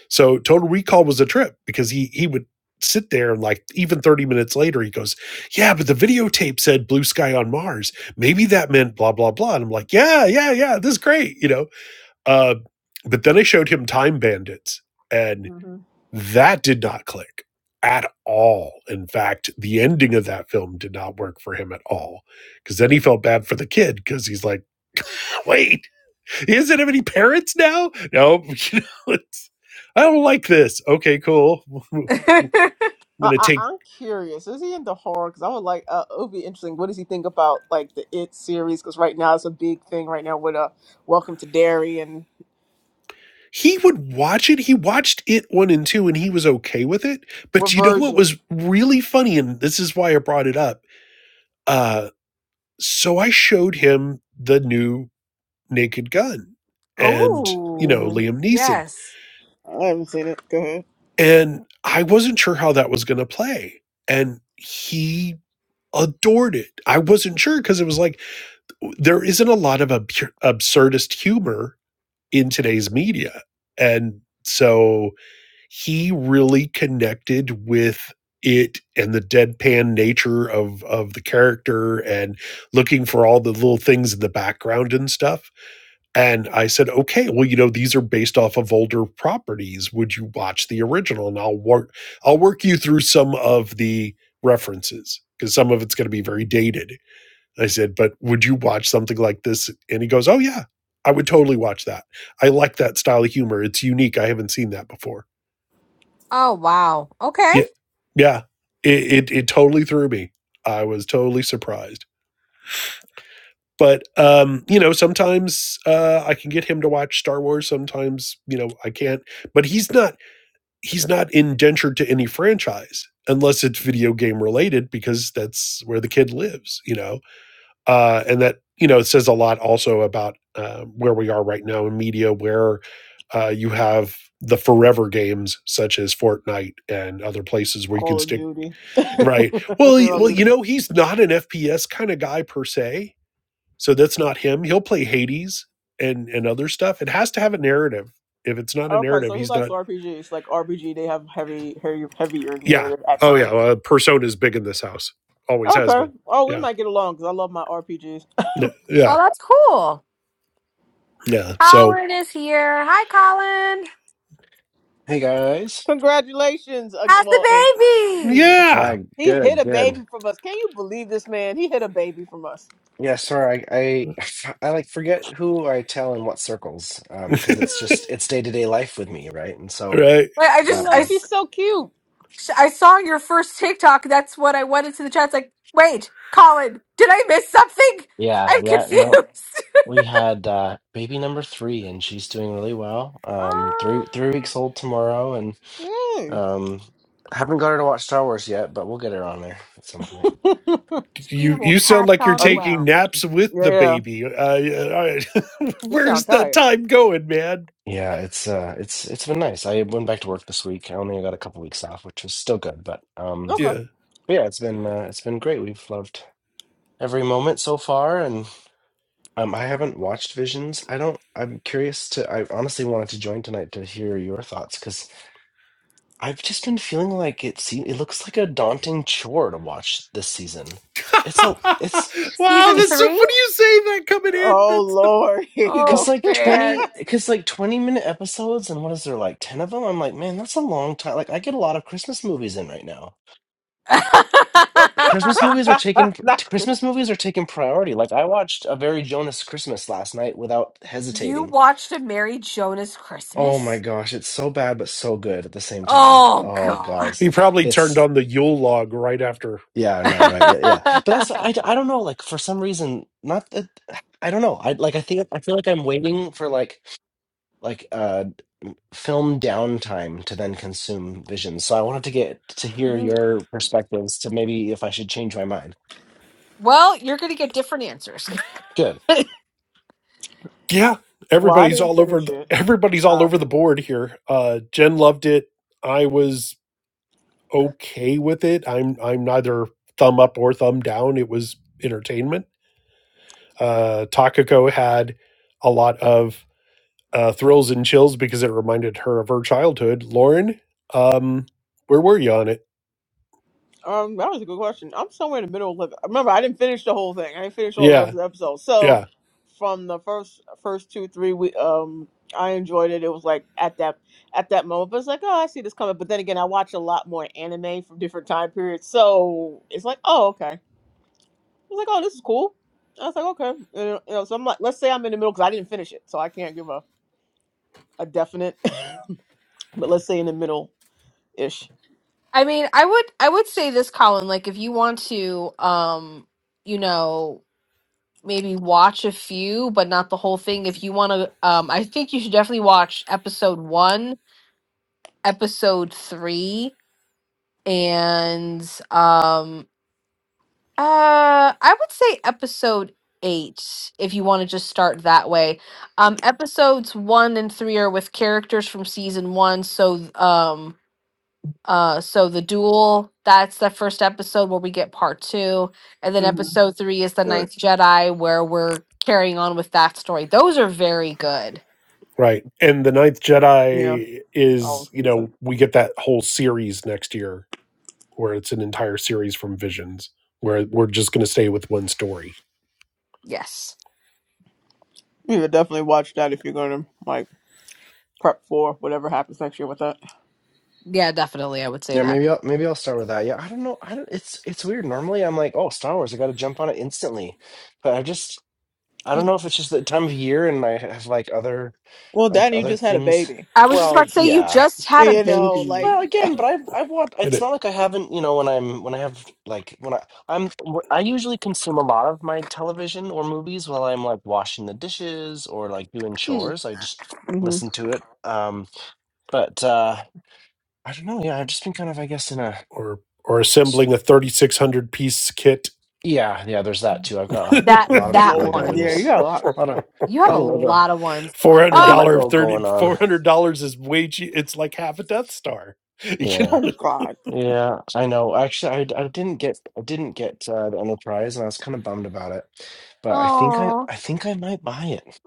so total recall was a trip because he he would sit there and like even 30 minutes later he goes yeah but the videotape said blue sky on mars maybe that meant blah blah blah and i'm like yeah yeah yeah this is great you know uh but then i showed him time bandits and.
hmm
That did not click at all. In fact, the ending of that film did not work for him at all. Because then he felt bad for the kid because he's like, <laughs> wait, he doesn't have any parents now? No, <laughs> you know, it's, I don't like this. Okay, cool. <laughs> I'm going
I,
to
I,
take.
I'm curious. Is he into horror? Because I would like. Uh, it would be interesting. What does he think about like the It series? Because right now it's a big thing. Right now with uh, Welcome to Derry and
He would watch it. He watched it one and two and he was okay with it. But
what
you know what
version?
was really funny? And this is why I brought it up. Uh, so I showed him the new Naked Gun and, you
oh,
know,
hmm
Liam Neeson.
yes.
I haven't seen it. Go ahead.
And I wasn't sure how that was going to play. And he adored it. I wasn't sure because it was like, there isn't a lot of ab- absurdist humor in today's media. And so he really connected with it and the deadpan nature of of the character and looking for all the little things in the background and stuff And I said, okay, well, you know, these are based off of older properties. Would you watch the original? And I'll work, I'll work you through some of the references because some of it's going to be very dated. I said, but would you watch something like this? And he goes, oh yeah, I would totally watch that. I like that style of humor. It's unique. I haven't seen that before.
Oh, wow. Okay.
Yeah, yeah, it it, it totally threw me. I was totally surprised but um you know sometimes uh i can get him to watch star wars sometimes you know i can't but he's not he's not indentured to any franchise unless it's video game related because that's where the kid lives you know uh and that you know it says a lot also about uh, where we are right now in media where uh you have the forever games such as Fortnite and other places where you can
Call of
stick
Duty. <laughs>
right
You
well
know
well
this.
you know he's not an FPS kind of guy per se so that's not him. He'll play Hades and and other stuff. It has to have a narrative. If it's not a
Okay,
narrative,
so he
he's
likes
not.
RPGs. Like RPG, they have heavy, heavy, heavier
Yeah.
narrative at
Oh
times.
yeah. Well, persona is big in this house. Always has
Okay.
been.
Oh, we
Yeah.
might get along because I love my RPGs.
Oh,
Yeah.
that's cool.
Yeah. So
Colin is here. Hi, Colin.
Hey guys.
Congratulations. Uh,
How's the
well, and
baby?
Yeah,
yeah.
he hit
good,
a
good.
baby from us. Can you believe this man? He hit a baby from us.
Yeah, sorry, I, I I like forget who I tell in what circles, um, because it's just it's day to day life with me, right? And
All
so,
Right.
Like I
They're
uh,
just I
like, she's
s-
so cute.
I saw your first TikTok. That's what I went into the chat. It's like, wait, Colin, did I miss something?
yeah,
I'm
yeah,
confused.
no,
<laughs>
we had uh, baby number three, and she's doing really well. Um, three
Oh,
three weeks old tomorrow, and
Yay.
um, haven't got her to watch Star Wars yet, but we'll get her on there at some point.
<laughs>
she
You
will
you sound
catch
like you're
Are
on
you?
taking
well.
naps with
Yeah.
the
yeah.
baby. Uh, yeah, all right. <laughs>
You sound
Where's that
tired.
time going, man?
Yeah, it's uh, it's it's been nice. I went back to work this week. I only got a couple weeks off, which was still good, but um.
Okay.
Yeah.
But yeah, it's been uh, it's been great. We've loved every moment so far, and um, I haven't watched Visions. I don't. I'm curious to. I honestly wanted to join tonight to hear your thoughts because I've just been feeling like it. Se- it looks like a daunting chore to watch this season. It's a.
<laughs>
It's
wow,
Season
that's
it's
so
three?
funny you say that coming in.
Oh,
That's the
Lord. <laughs> Here you go.
because
Oh
like
man.
twenty because like twenty minute episodes, and what is there like ten of them? I'm like, man, that's a long time. Like I get a lot of Christmas movies in right now. Christmas
<laughs>
movies are
<laughs>
taking
Not quick.
Christmas movies are taking priority. Like I watched A Very Jonas Christmas last night without
you
hesitating.
watched a Mary Jonas
Oh my
Christmas?
gosh, it's so bad but so good at the same time.
Oh
Oh
god.
guys,
He probably turned
it's
on the Yule log right after
yeah, no, right. Yeah, yeah. But that's
<laughs>
I, I don't know like for some reason not that <sighs> I don't know. I like I think I feel like I'm waiting for like like uh film downtime to then consume visions. So I wanted to get to hear
Mhm.
your perspectives to maybe if I should change my mind.
well, you're gonna get different answers.
Good.
<laughs>
Yeah,
Well, I
everybody's
didn't
all over
finish
the,
it.
everybody's all over the
Um,
board here. Uh Jen loved it. I was okay with it. I'm I'm neither thumb up or thumb down. It was entertainment. Uh Takako had a lot of uh thrills and chills because it reminded her of her childhood. Lauren, um where were you on it?
um, that was a good question. I'm somewhere in the middle of it. Remember, I didn't finish the whole thing. I didn't finish all the rest
Yeah.
of the episode.
Yeah.
So, from the first first two three, we um, I enjoyed it. It was like at that at that moment, but it's like, oh, I see this coming. But then again, I watch a lot more anime from different time periods, so it's like, oh, okay. I was like, oh, this is cool. I was like, okay. And, you know, so I'm like, let's say I'm in the middle because I didn't finish it, so I can't give a, a definite, <laughs> but let's say in the middle ish.
I mean, I would I would say this, Colin, like if you want to um, you know, maybe watch a few, but not the whole thing. If you want to, um, I think you should definitely watch episode one, episode three, and um, uh, I would say episode eight if you want to just start that way. Um, episodes one and three are with characters from season one, so um. Uh, so the duel, that's the first episode where we get part two. And then
hmm
episode three is the Ninth Jedi, where we're carrying on with that story. Those are very good.
Right. And the Ninth
Yeah,
Jedi
that
is,
was
you
decent.
know, we get that whole series next year where it's an entire series from Visions where we're just going to stay with one story
Yes.
You would definitely watch that if you're going to like prep for whatever happens next year with that.
Yeah, definitely. I would say
Yeah,
that.
maybe I'll, maybe I'll start with that. Yeah, I don't know. I don't. It's it's weird. Normally, I'm like, oh, Star Wars, I got to jump on it instantly, but I just I don't know if it's just the time of year and I have like other
Well,
like,
Danny, you
other
just had a
things.
baby.
I was just about
Well,
to say you
yeah.
just had a
You know,
baby.
like,
Well, again, but I've I've watched.
in
It's
it
not like I haven't. You know, when I'm when I have like when I I'm I usually consume a lot of my television or movies while I'm like washing the dishes or like doing
hmm.
chores. I just
hmm
listen to it. Um, but uh, I don't know. Yeah, I've just been kind of I guess in a
or or assembling a 3600 piece kit.
Yeah, yeah, there's that too. I've got
<laughs>
a
That
lot of
that
Lord,
Lego in
one.
yeah, you
this.
got a lot.
A lot of
You have a
lot of Lego.
lot of ones.
A lot of
Oh,
$400 of
Lego
30
going on.
four hundred dollars is way cheap. It's like half a Death Star. <laughs> You can,
Yeah.
God,
Yeah, I know. Actually, I I didn't get I didn't get uh, the Enterprise and I was kind of bummed about it. But I think I
oh.
I think I might buy it.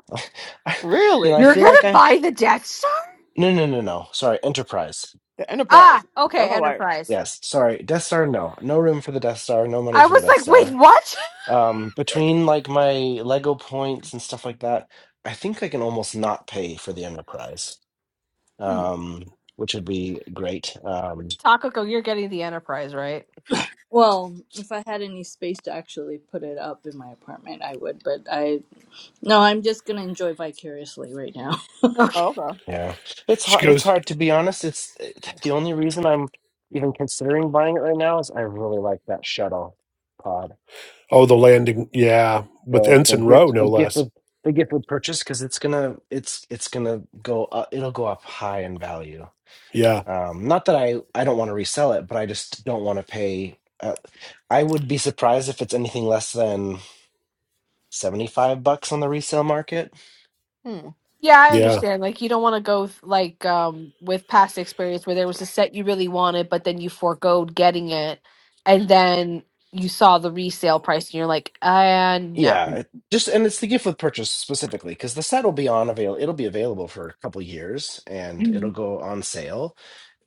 <laughs> I, you know,
really?
I
You're
feel like
gonna
I
buy the Death Star?
No, no, no, no. Sorry, Enterprise.
The Enterprise.
Ah,
That's
okay,
all right.
Enterprise.
Yes, sorry. Death Star, no. No room for the Death Star, no money
I
for the
was
Death
like, wait,
Star.
what?
Um, between like my Lego points and stuff like that, I think I can almost not pay for the Enterprise,
Hmm.
um, which would be great. Um,
<laughs> Takako, you're getting the Enterprise, right?
Well, if I had any space to actually put it up in my apartment, I would. But I no, I'm just gonna enjoy vicariously right now.
Okay.
Oh, okay.
yeah, it's
she
hard. It's
goes,
hard to be honest. It's eh, the only reason I'm even considering buying it right now is I really like that shuttle pod.
"Oh, the landing. Yeah, with
The the
Ensign Rowe
gift
no
the gift
less."
of the gift of purchase because it's gonna it's it's gonna go up, it'll go up high in value.
Yeah.
Um, not that I I don't want to resell it, but I just don't want to pay. uh, I would be surprised if it's anything less than 75 bucks on the resale market.
Hmm.
Yeah, I
Yeah.
understand. Like you don't want to go th- like um with past experience where there was a set you really wanted, but then you foregoed getting it, and then you saw the resale price and you're like, uh no.
Yeah, it- just and it's the gift with purchase specifically because the set will be on avail. It'll be available for a couple years and it'll
Mhm.
go on sale.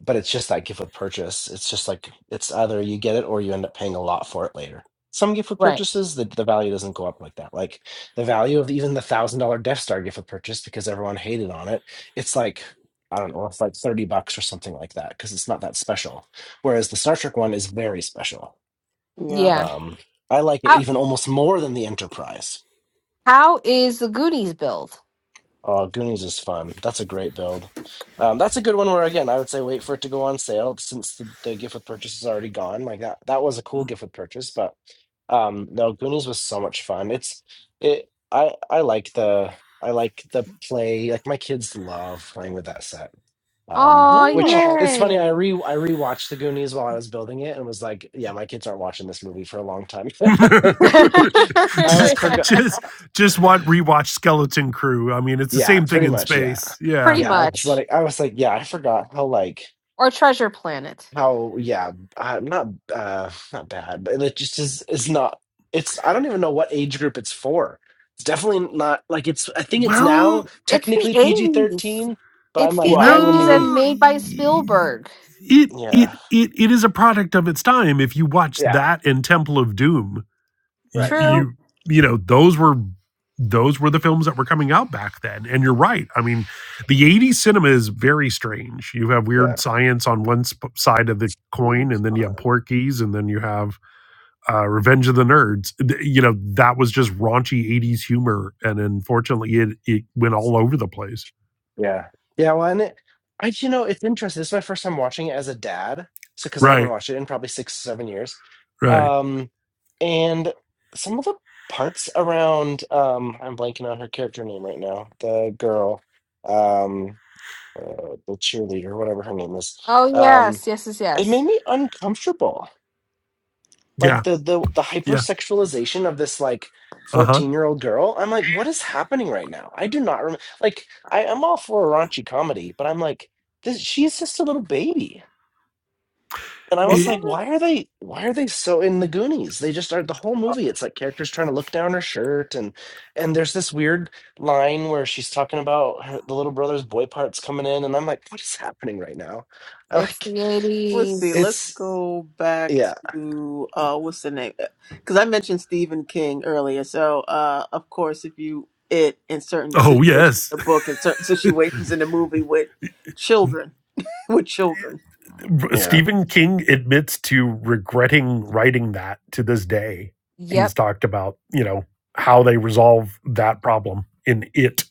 But it's just that gift with purchase. It's just like it's either you get it or you end up paying a lot for it later. Some gift with
Right.
purchases, the, the value doesn't go up like that. Like the value of even the thousand dollar Death Star gift with purchase because everyone hated on it. It's like I don't know, it's like thirty bucks or something like that because it's not that special. Whereas the Star Trek one is very special.
Yeah.
Yeah.
Um, I like it
How
even almost more than the Enterprise
how is the Goonies build?
Oh, Goonies is fun. That's a great build. Um, that's a good one where again I would say wait for it to go on sale since the, the gift with purchase is already gone. Like that that was a cool gift with purchase, but um no, Goonies was so much fun. It's it I I like the I like the play. Like my kids love playing with that set. Um,
Oh
which
Oh.
it's funny, I
yay.
re I rewatched the Goonies while I was building it and was like, yeah, my kids aren't watching this movie for a long time.
<laughs>
<laughs>
<laughs>
I like
just
forgot.
<laughs>
just just
<laughs>
want rewatch skeleton crew i mean it's the
Yeah,
same thing
pretty
in
much. Yeah.
space yeah
Pretty
Yeah. I was
much.
like, I was like, yeah, I forgot how, like,
Or Treasure Planet.
how, yeah, I'm not, uh, not bad, but it just is, is not, it's, I don't even know what age group it's for. It's definitely not like it's, I think it's now
well
It's the
technically PG
eighties.
13, but I'm
It's
like,
the
What?
I wouldn't
eighties
even,
and
well
made by Spielberg.
it it
yeah.
it, it is a product of its time if you watch
Yeah.
that and temple of doom y-
Right.
Hmm.
True.
you you know those were those were the films that were coming out back then and you're right i mean the 80s cinema is very strange you have
Yeah.
weird science on one sp- side of the coin and then you have porkies and then you have uh, Revenge of the Nerds. You know, that was just raunchy 80s humor. And unfortunately, it, it went all over the place.
Yeah. Yeah. Well, and it, I, you know, it's interesting. This is my first time watching it as a dad. So, because I haven't
Right,
watched it in probably six, seven years.
right.
Um, and some of the parts around, um, I'm blanking on her character name right now, the girl, um, uh, the cheerleader, whatever her name is.
Oh
Um,
yes, yes, yes,
it
yes.
made me uncomfortable like
Yeah,
the the the
yeah.
hypersexualization of this like
Uh huh.
14 year old girl i'm like what is happening right now i do not remember like I, i'm all for a raunchy comedy but i'm like this she's just a little baby and i
One
was
It,
like
more?
why are they why are they so in the goonies they just are the whole
Uh,
movie it's like characters trying to look down her shirt and and there's this weird line where she's talking about her, the little brother's boy parts coming in and i'm like what is happening right now I
It's the
like
Let's see. Let's
80s.
it's
go back
yeah
to uh, what's the name? Because I mentioned Stephen King earlier. So, uh, of course, if you it in certain
oh,
situations in
yes.
the book in certain situations in the movie with children, <laughs> with children,
<laughs>
yeah
Stephen King admits to regretting writing that to this day. He's
Yep.
talked about, you know, how they resolve that problem in it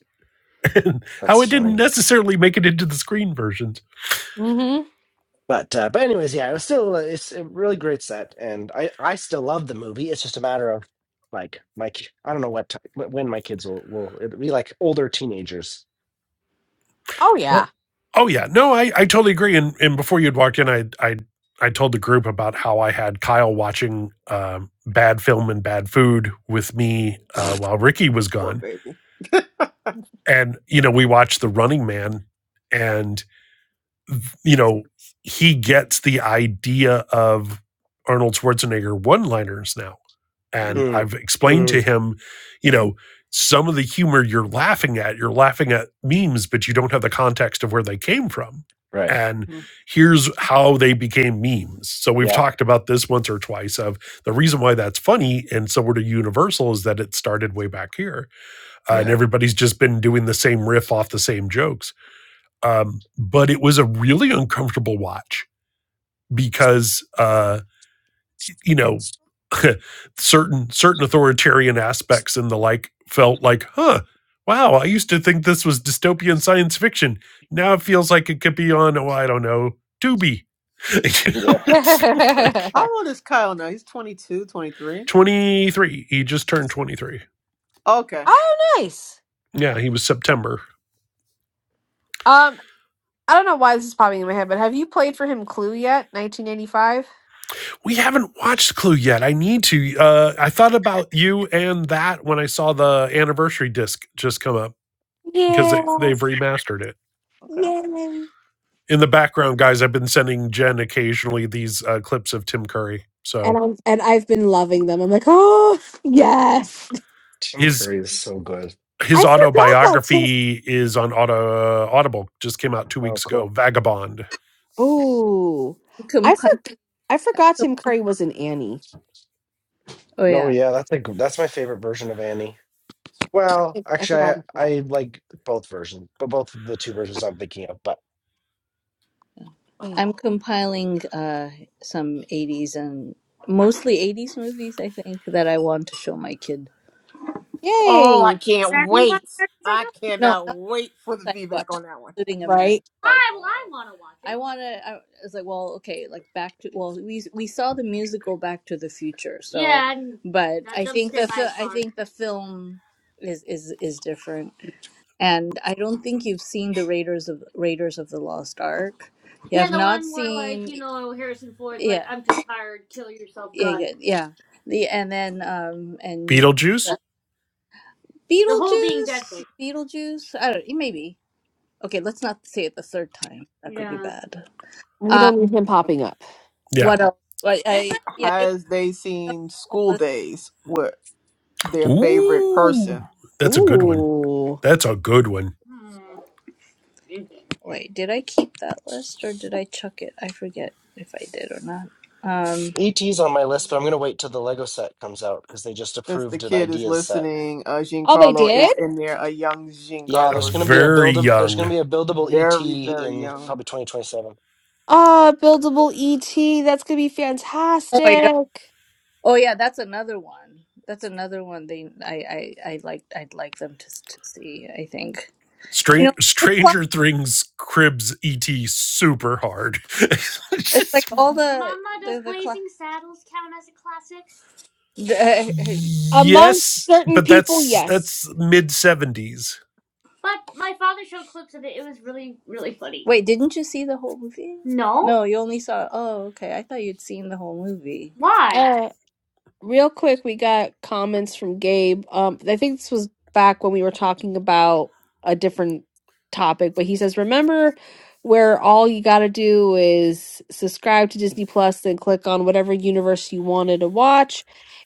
and <laughs> how
that's
it didn't
funny
necessarily make it into the screen versions.
Mm-hmm.
But uh, but anyways, yeah, it was still it's a really great set, and I I still love the movie. It's just a matter of like my ki- I don't know what time, when my kids will will it'll be like older teenagers.
Oh yeah.
Well, oh yeah, no, I, I totally agree. And and before you'd walked in, I I I told the group about how I had Kyle watching um, bad film and bad food with me uh, while Ricky was
poor
gone,
baby.
and you know we watched The Running Man, and you know, he gets the idea of Arnold Schwarzenegger one liners now. And
Mm,
I've explained to
mm,
him, you know, some of the humor you're laughing at, you're laughing at memes, but you don't have the context of where they came from.
right.
And
hmm
here's how they became memes. So we've
Yeah.
talked about this once or twice of the reason why that's funny and so sort of universal is that it started way back here. Uh, and
Yeah.
everybody's just been doing the same riff off the same jokes um, but it was a really uncomfortable watch because uh, you know <laughs> certain certain authoritarian aspects and the like felt like, huh, wow, I used to think this was dystopian science fiction. Now it feels like it could be on, oh, I don't know, Tubi.
Yeah.
<laughs>
<laughs>
it's
oh
like
How old is Kyle now? He's 22, 23.
23. He just turned 23.
Okay,
nice.
Yeah, he was September.
Um, I don't know why this is popping in my head, but have you played for him Clue yet? 1985?
We haven't watched Clue yet. I need to. Uh, I thought about you and that when I saw the anniversary disc just come up. because
Yeah.
they, they've remastered it.
okay.
yes.
In the background, guys, I've been sending Jen occasionally these uh, clips of Tim Curry.
And
So
I'm and I've been loving them. I'm like, oh
Oh,
yes.
Tim
his
Curry is so good.
his
I forgot that Tim.
autobiography is on auto, uh, Audible. Just came out two
Oh,
weeks ago.
cool.
Vagabond,
Ooh,
<laughs>
I
Compi-
for, I forgot Tim Curry was in Annie.
oh
Oh
yeah,
yeah, that's like that's my favorite version of Annie. Well,
I
actually,
forgot
I
about
I
that.
like both versions, but both of the two versions I'm thinking of. But
Oh,
I'm compiling uh some '80s and mostly '80s movies. I think that I want to show my kid.
Oh, I
yay!
can't
Granny, what?
wait.
It's like,
I
oh, No,
cannot wait for the
Psycho. I'm
feedback
not
on that one.
including American
Right?
Psycho. Why would I want to watch it. I want to. I was like, well, okay, like Back to. Well, we we saw the musical Back to the Future, so, Yeah, but I think the I I think the film is is is different, and I don't think you've seen the Raiders of Raiders of the Lost Ark. You Yeah, have the not one where seen, like you know Harrison Ford's like, Yeah, like, "I'm just tired, kill yourself, yeah, God." yeah. yeah. The and then um and
Beetlejuice.
Beetlejuice, The whole being dead Beetlejuice, thing. Beetlejuice. I don't. Maybe. Okay, let's not say it the third time. That could be Yeah. bad.
We
Uh,
don't need him popping up.
Yeah.
what else? I, I like yeah, the
Has they seen
whole
School
list.
Days? their favorite
Ooh,
person.
that's a good one.
Ooh.
That's a good one.
Hmm. Okay. Wait, did I keep that list or did I chuck it? I forget if I did or not. Um.
ET's on my list, but I'm gonna wait till the Lego set comes out because they just
Since the
approved an
kid is
ideas set
listening, uh,
Oh, they
Giancarlo
did.
is in there. A young
Yeah,
Giancarlo
there's
is
going to
in
be
there.
a
Very
build. There's going to
young.
be a buildable ET
Very, very
in
young.
probably 2027.
Ah, buildable ET. That's gonna be
Oh my god.
fantastic.
Oh yeah, that's another one. That's another one. They I I I like I'd like them to to see. I think you
Stran-
know the class.
Stranger Things cribs ET super hard. <laughs>
It's like all the Mama, does the the class. Blazing Saddles count as a classic? <laughs>
Amongst
yes,
certain
but
people,
that's
yes.
that's mid seventies.
But my father showed clips of it. It was really, really funny. Wait, didn't you see the whole movie? No? No, you only saw. Oh, okay. I thought you'd seen the whole movie. Why?
Uh, real quick, we got comments from Gabe. Um, I think this was back when we were talking about a different topic, but he says, "Remember where all you gotta do is subscribe to Disney Plus, then click on whatever universe you wanted to watch."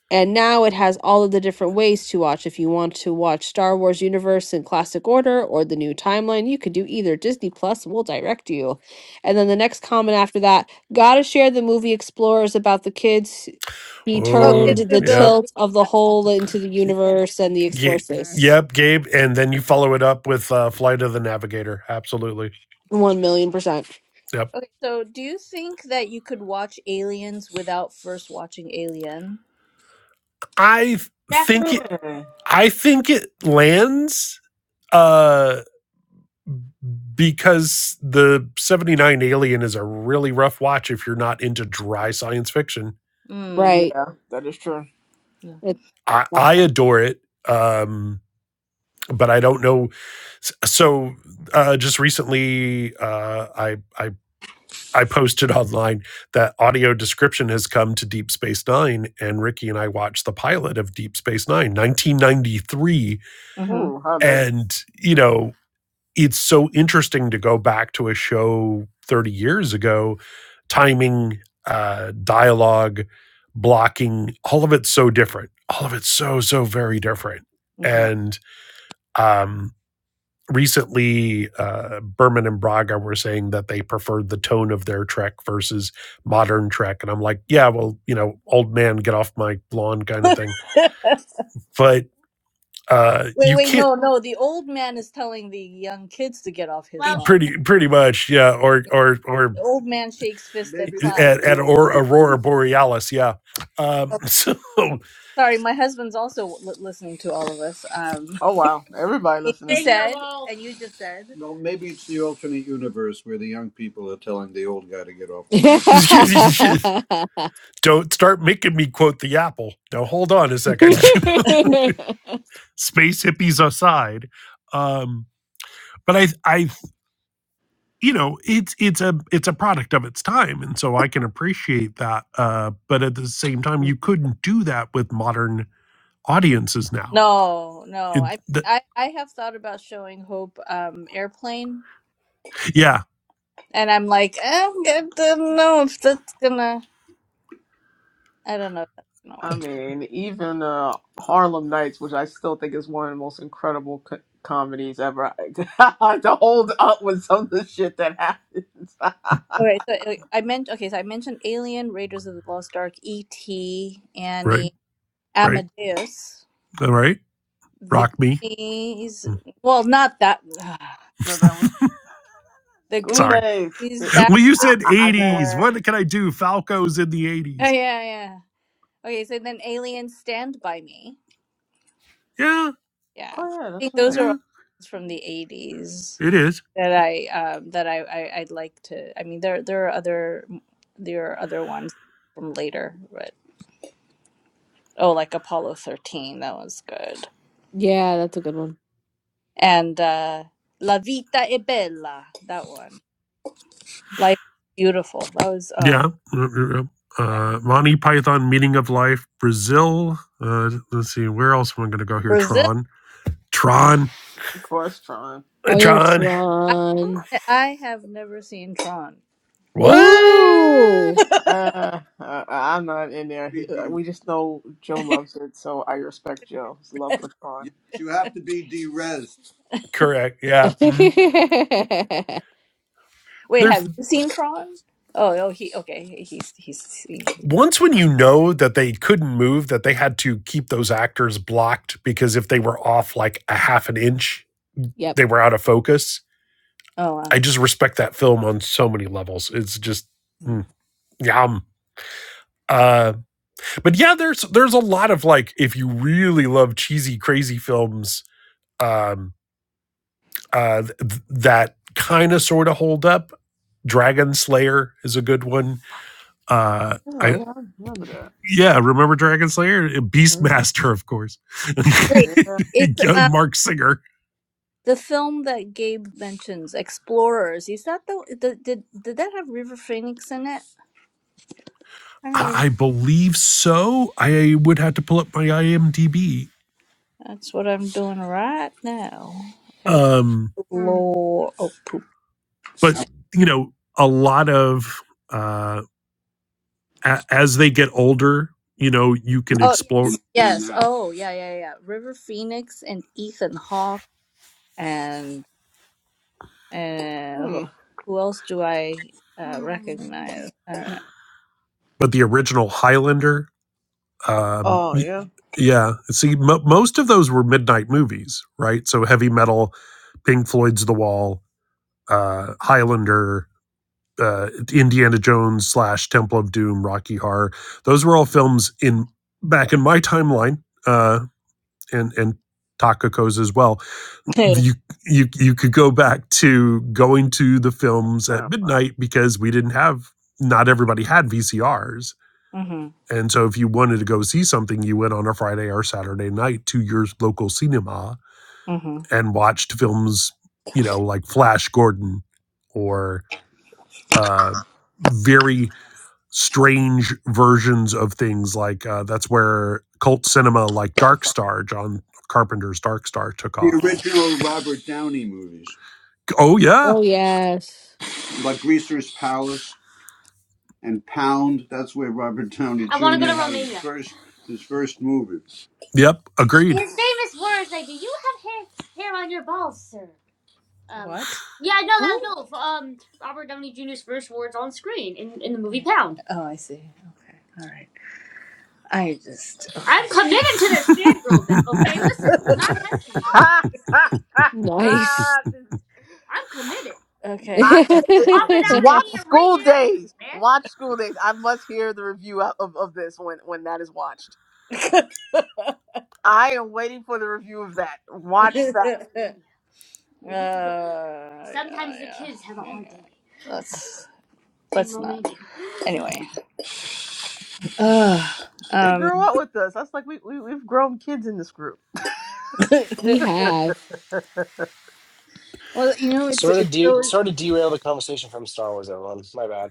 And now it has all of the different ways to watch. If you want to watch Star Wars Universe in classic order or the new timeline, you could do either. Disney Plus will direct you. And then the next comment after that gotta share the movie Explorers about the kids. He
Oh,
turned
Oh,
Kids Who
the
yeah,
Build. the-
tilt of the whole into the
Yeah.
universe and the
Ye-
explorers.
yep, Gabe. And then you follow it up with uh, Flight of the Navigator. Absolutely.
One million percent.
Yep.
Okay. So, do you think that you could watch Aliens without first watching Alien?
I
That's the
think
thing.
it
Hmm.
I think it lands uh because the 79 alien is a really rough watch if you're not into dry science fiction.
Mm.
Right.
Yeah, that is true.
Yeah.
It-
I I adore it. Um but I don't know S- so uh just recently uh I I I posted <laughs> online that audio description has come to Deep Space Nine, and Ricky and I watched the pilot of Deep Space Nine, 1993.
Mm-hmm.
Ooh, how'd that go?
And, you know, it's so interesting to go back to a show 30 years ago, timing, uh, dialogue, blocking, all of it's so different. All of it's so, so very different.
Mm-hmm.
And, um, recently uh, Berman and Braga were saying that they preferred the tone of their Trek versus modern Trek, and I'm like, yeah, well, you know, old man, get off my lawn, kind of thing. But uh,
<laughs> wait,
you
wait,
can't
no, no. The old man is telling the young kids to get off his Well, lawn. should,
pretty pretty much, yeah, or or or
The old man shakes fist at Maybe this cloud. is
at,
the-
at or Aurora Borealis, yeah. Um,
Oh,
so <laughs>
sorry, my husband's also li- listening to all of us. Um.
Oh, wow. Everybody
You
listening.
Hey, said, you and you just said. No, maybe it's the alternate universe where the young people are telling the old guy to get off the land.
<laughs>
don't start making me quote the apple. Now hold on a second, <laughs> space hippies aside. Um, but I I you know it's it's a it's a product of its time and so i can appreciate that uh but at the same time
hmm
you couldn't do that with modern audiences now
No, no.
it
I
th-
I I have thought about showing Hope um Airplane,
yeah
and I'm like, eh, I don't know if that's gonna. I don't know if that's gonna
I
work.
mean, even uh, Harlem Nights, which I still think is one of the most incredible co- comedies ever, <laughs> to hold up with some of the shit that happens. <laughs>
All right, so uh, I meant okay. So I mentioned Alien, Raiders of the Lost Ark, E.T.,
right
Annie,
right
Amadeus,
all right
The
rock me
Goonies.
Mm,
Well, not that.
no, that one.
<sighs> The
School
sorry
days.
Goonies,
It-
<laughs>
it-
Back
well you
to the
I,
said
I I just
80s
wanted.
Future.
what can i do falco's in the
Oh
80s
yeah, yeah. Okay, so then Alien Stand by Me.
yeah
Yeah.
Oh yeah,
I
that's
think
right.
those are
yeah
all from the 80s
it is
that I um that I, I I'd like to I mean there there are other there are other ones from later, but oh like Apollo 13, that was good.
yeah, that's a good one.
And uh La Vita è Bella, that one. Life is Beautiful. That was oh
yeah yeah, yeah, yeah.
thank-
uh monty python meaning of life brazil uh let's see where else am i gonna go here
Brazil.
tron tron
Question.
Uh,
Oh, yes,
tron
I
Ron.
I have never seen Tron.
What?
Ooh.
Uh, I, I'm not in there.
Be
He, uh,
de-
we just know Joe loves it, so I respect Joe's love for Tron.
yes, you have to be de-res.
Correct. Yeah. hmm
<laughs>
Wait,
There's
have you seen Tron? Oh, oh, he okay. He's he's seen.
once when you know that they couldn't move, that they had to keep those actors blocked because if they were off like a half an inch,
yep.
they were out of focus.
Oh
I
wow.
just respect that film on so many levels. It's just
Mm.
mm, yum. Uh, but yeah, there's there's a lot of like if you really love cheesy, crazy films, um, uh, th- th- that kind of sort of hold up. Dragon Slayer is a good one uh, I
Oh yeah, I remember
yeah, remember Dragon Slayer?
that. Mhm.
Beastmaster, of course.
Wait,
Yeah.
<laughs>
it's
yeah.
Young
um
Mark Singer.
the film that Gabe mentions, Explorers. Is that the, the did did that have River Phoenix in it? I don't remember.
I believe so. I would have to pull up my IMDb.
That's what I'm doing right now. Hmm.
Um,
Explore. Oh poop.
but, you know, a lot of, uh, a- as they get older, you know, you can
Oh
explore,
yes, yes. Oh yeah, yeah, yeah. River Phoenix and Ethan Hawke and and who
Hmm.
who else do I uh, recognize? I
but the original Highlander, um,
Oh
y-
yeah.
yeah. See, mo most of those were midnight movies, right? So heavy metal, Pink Floyd's The Wall, uh, Highlander, uh, Indiana Jones slash Temple of Doom, Rocky Horror. Those were all films in back in my timeline, uh, and and Takako's as well.
don't
You you you could go back to going to the films at
Um, uh,
midnight because we didn't have not everybody had VCRs.
know. <laughs>
And so if you wanted to go see something, you went on a Friday or Saturday night to your local cinema
hmm
and watched films, you know, like Flash Gordon or uh very strange versions of things like uh, that's where cult cinema like dark star john carpenter's dark star took
The
off
original Robert Downey movies,
oh yeah
Oh yes.
like Greaser's Palace and Pound. That's where Robert Downey I want to go Jr. to had his Romania. first his first movie.
yep agreed
His famous words like, "Do you have hair, hair on your balls, sir?" Um, What? yeah, no, that
Oh,
no. f- Um, Robert Downey Jr.'s first words on screen in, in the movie Pound. Oh, I see. Okay. All right. I just. I'm Okay. committed to this fangirl
<laughs>
bit. Okay, listen, I'm <laughs> not testing it.
ha ha ha
Nice.
ha!
I'm committed.
<laughs>
<laughs> I,
Okay. Yes. Pop it
it's-
out of
watch
me and
School
ringing everything,
Days.
man.
Watch School Days. I must hear the review of, of, of this when when that is watched. I am waiting for the review of that. Watch
Yes,
that.
<laughs> Uh, Sometimes yeah, the yeah. kids have a hard day. Let's let's not. Anyway. Uh,
They grew
um.
up with us. That's like we, we we've grown kids in this group.
<laughs>
we
<laughs>
have.
well, you know, it's
Sort of
it's
de-
so.
sort of derail the conversation from Star Wars. Everyone, my bad.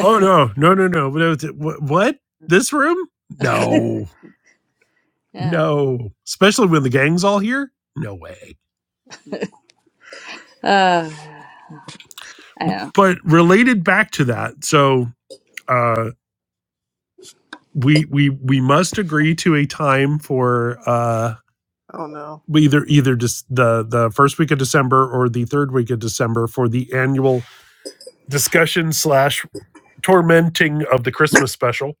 oh no no no no what this room
<laughs>
no
yeah.
no especially when the gang's all here no way
Uh, I know.
but related back to that so uh we we we must agree to a time for uh
Oh no,
either either just the the first week of December or the third week of December for the annual discussion slash tormenting of the Christmas special.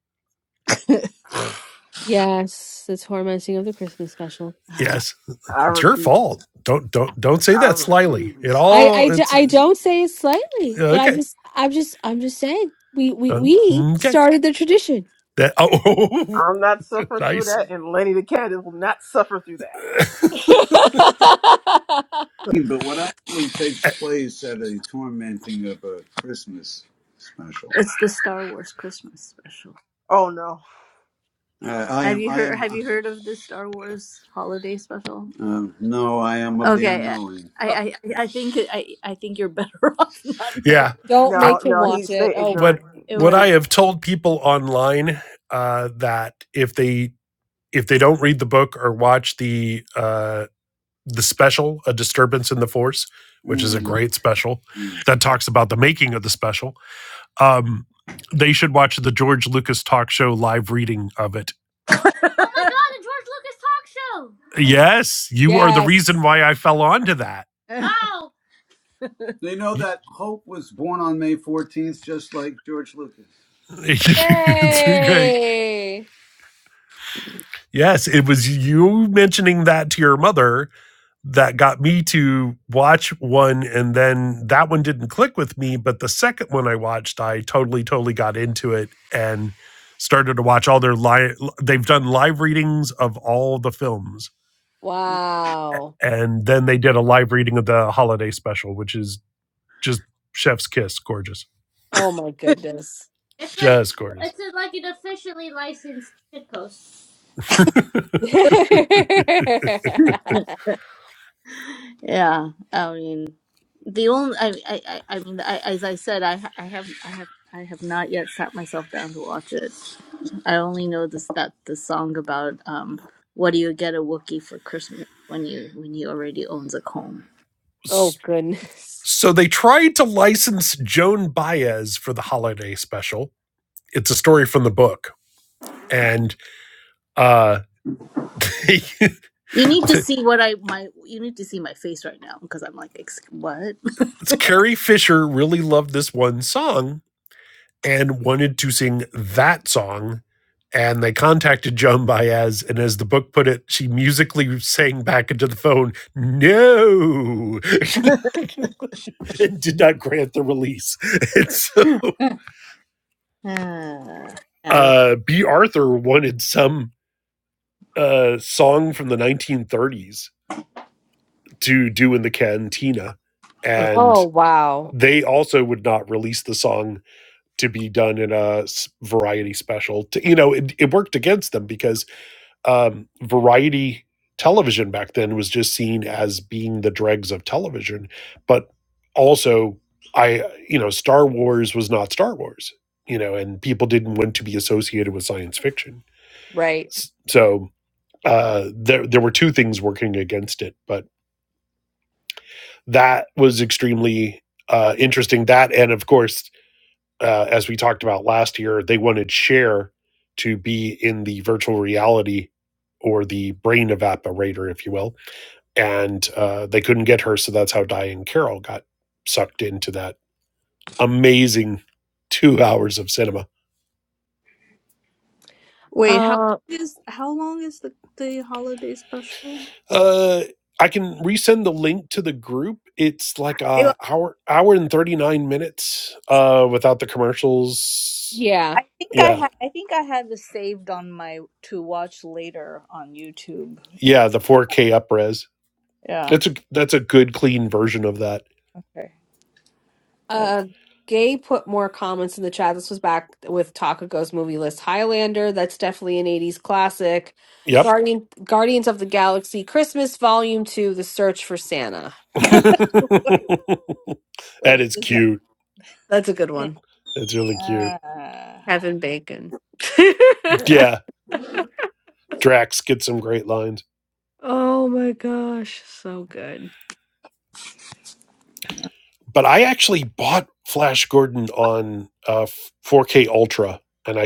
Yes, it's hormoncing of the Christmas special.
Yes,
I
it's your
refuse.
fault. Don't don't don't say
I
that slyly. It
refuse.
I, I,
all
d-
it's
I don't say it slightly, but I'm
okay.
just I'm just I'm just saying we we
Uh,
we
Okay. Okay.
started the tradition.
That oh
I'm not
<laughs>
suffering through
nice.
that, and Lenny the cat will not suffer through that.
<laughs>
But what actually
Eh,
takes place at a tormenting of a Christmas special? It's the Star Wars Christmas special.
Oh no,
Uh, I Have am. you I heard am. Have you heard of the Star Wars holiday special? Uh, no, I am of the Okay, I unknowing. I
Oh,
I, I think it- I I think you're better <laughs> off not
Yeah.
knowing.
don't
I
no,
make him
no. He
watch it.
stay
Oh
what
ignorant.
It
what
was.
I have told people online uh that if they if they don't read the book or watch the uh the special, A Disturbance in the Force, which is
Mm,
a great special
mm.
that talks about the making of the special. Um, they should watch the George Lucas talk show live reading of it.
Oh my God! A George Lucas talk
Yes, you are the reason
yes.
why I fell onto that.
show. Wow! <laughs> They know
<laughs> Y-
that Hope was born on May 14th, just like George Lucas.
it's great.
Yay.
Yes, it was you mentioning that to your mother that got me to watch one and then that one didn't click with me but the second one i watched i totally totally got into it and started to watch all their live they've done live readings of all the films
Wow.
and then they did a live reading of the holiday special which is just chef's kiss gorgeous
Oh my goodness.
It's like
just gorgeous
it's like an officially licensed shitpost.
<laughs>
Yeah, I mean, the only I I I I mean, I, as I said, I ha- I have I have I have not yet sat myself down to watch it. I only know this that the song about um, what do you get a Wookiee for Christmas when you when he already owns a comb.
oh goodness.
so they tried to license joan baez for the holiday special it's a story from the book and uh <laughs> they
You need to see what I my you need to see my face right now because I'm like Ex- what?
Carrie Fisher really loved this one song and wanted to sing that song. And they contacted Joan Baez. And as the book put it, she musically sang back into the phone, no, <laughs> and did not grant the release. <laughs> And so
<laughs> Uh, I don't.
uh, B. Arthur wanted some uh, song from the 1930s to do in the cantina.
oh.
Oh
And
wow.
they also would not release the song to be done in a variety special. To, you know, it, it worked against them because um, variety television back then was just seen as being the dregs of television. But also, I, you know, Star Wars was not Star Wars, you know, and people didn't want to be associated with science fiction.
Right.
So uh, there, there were two things working against it, but that was extremely uh, interesting. That, and of course, uh, as we talked about last year, they wanted Cher to be in the virtual reality or the brain evaporator, if you will, and uh, they couldn't get her, so that's how Diane Carroll got sucked into that amazing two <laughs> hours of cinema.
Wait, how
Uh
long is how long is the the holiday special?
Uh, I can resend the link to the group. It's like a hour hour and thirty nine minutes uh, without the commercials.
yeah.
I think I
Yeah,
ha- I think I have it saved on my to watch later on YouTube.
yeah, the four K upres.
Yeah.
That's a that's a good clean version of that.
Okay. I-
Uh Gay put more comments in the chat. This was back with Takago's movie list Highlander. That's definitely an 80s classic.
Yep.
Guardian Guardians of the Galaxy Christmas Volume 2 The Search for Santa.
<laughs>
<laughs> wait,
that
wait.
is
Is that?
cute.
That's a good
hmm,
one.
That's really cute.
Uh,
Kevin Bacon. <laughs>
Yeah, Drax gets some great lines.
oh my gosh, so good.
But I actually bought Flash Gordon on uh, 4K Ultra, and I I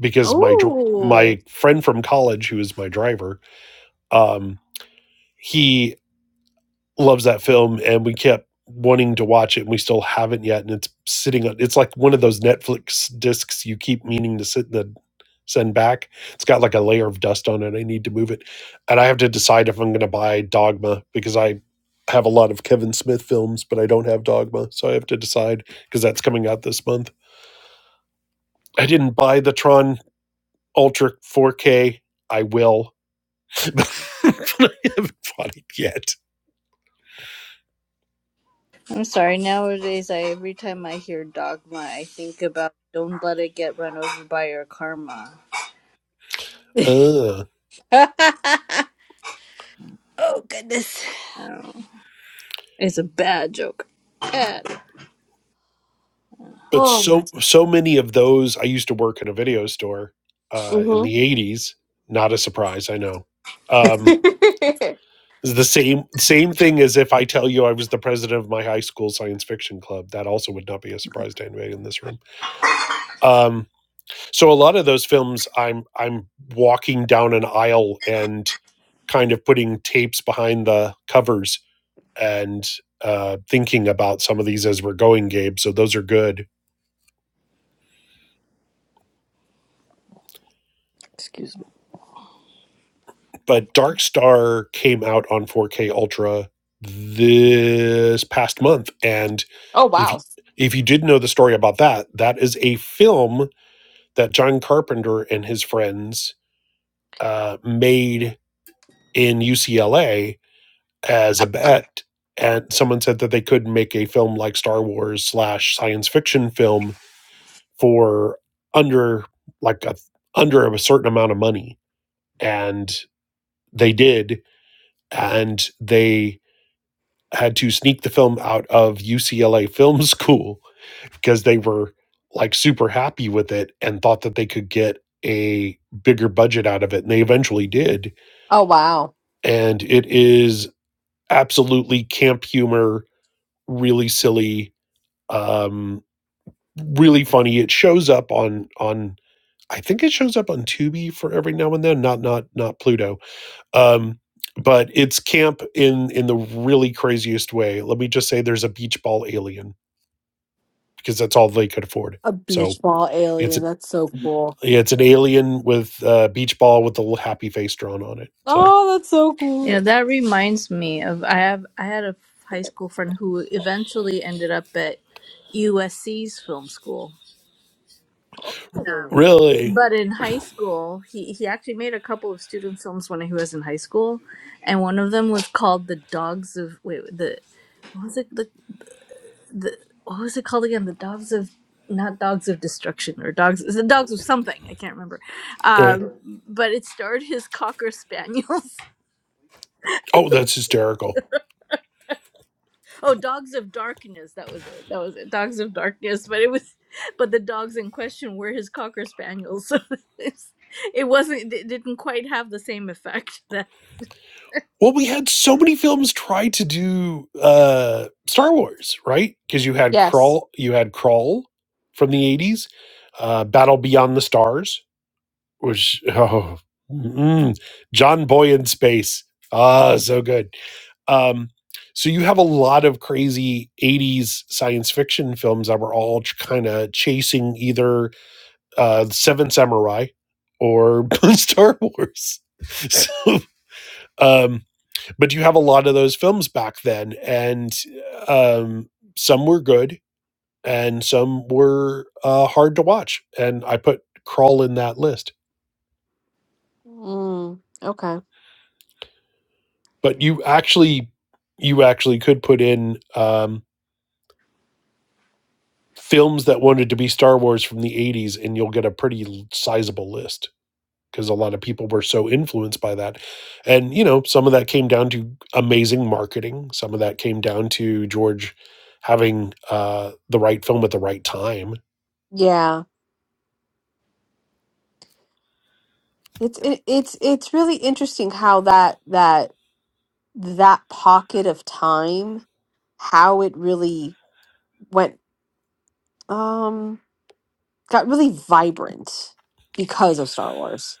because my
Oh.
my friend from college who is my driver, um, he loves that film and we kept wanting to watch it and we still haven't yet and it's sitting on it's like one of those netflix discs you keep meaning to sit the send back it's got like a layer of dust on it i need to move it and i have to decide if i'm going to buy dogma because i have a lot of kevin smith films but i don't have dogma so i have to decide because that's coming out this month i didn't buy the tron ultra 4k i will <laughs> but i haven't bought it yet
I'm sorry. Nowadays, I every time I hear dogma, I think about don't let it get run over by your karma.
<laughs>
Ugh.
oh goodness.
Oh, it's a bad joke. Bad.
but
Oh my.
so so many of those i used to work in a video store uh in
Mm-hmm.
the 80s not a surprise i know um
<laughs>
it's the same same thing as if i tell you i was the president of my high school science fiction club that also would not be a surprise to anybody in this room um so a lot of those films i'm i'm walking down an aisle and kind of putting tapes behind the covers and uh thinking about some of these as we're going gabe so those are good
Excuse me.
But Dark Star came out on 4K Ultra this past month, and
oh
if
wow.
you, if you didn't know the story about that, that is a film that John Carpenter and his friends uh, made in UCLA as a bet, and someone said that they could make a film like Star Wars slash science fiction film for under like a under a certain amount of money, and they did, and they had to sneak the film out of UCLA <laughs> Film School because they were like super happy with it and thought that they could get a bigger budget out of it. And they eventually did.
Oh wow.
And it is absolutely camp humor, really silly, um, really funny. It shows up on on I think it shows up on Tubi for every now and then, not not not Pluto. Um, but it's camp in in the really craziest way. Let me just say, there's a beach ball alien because that's all they could afford.
A
So
beach ball
it's
alien. That's so cool.
it's an alien with a beach ball with a little happy face drawn on it. So
Oh, that's so cool.
Yeah, that reminds me of I have I had a high school friend who eventually ended up at USC's film school.
really,
But in high school, he, he actually made a couple of student films when he was in high school, and one of them was called "The Dogs of Wait." The what was it? The, the what was it called again? The Dogs of not Dogs of Destruction or Dogs it's the Dogs of something I can't remember.
Right.
Um, but it starred his cocker spaniels. <laughs>
oh, that's hysterical.
Oh, Dogs of Darkness. That was it. That was it. Dogs of Darkness. But it was, but the dogs in question were his cocker spaniels. <laughs> So it's, it wasn't. It didn't quite have the same effect <laughs> that.
Well, we had so many films try to do uh, Star Wars, right? Because you had
Yes.
Crawl, you had Crawl from the eighties, uh, Battle Beyond the Stars, which <laughs> oh, mm, John Boy in space, ah, so good Um, so you have a lot of crazy 80s science fiction films that were all kind of chasing either uh the Seventh Samurai or <laughs> Star Wars. So um but you have a lot of those films back then and um some were good and some were uh hard to watch and I put Crawl in that list.
Mm, okay.
But you actually you actually could put in um films that wanted to be Star Wars from the 80s, and you'll get a pretty sizable list because a lot of people were so influenced by that. And, you know, some of that came down to amazing marketing, some of that came down to George having uh, the right film at the right time.
Yeah. It's it, it's it's really interesting how that that that pocket of time, how it really went um got really vibrant because of Star Wars.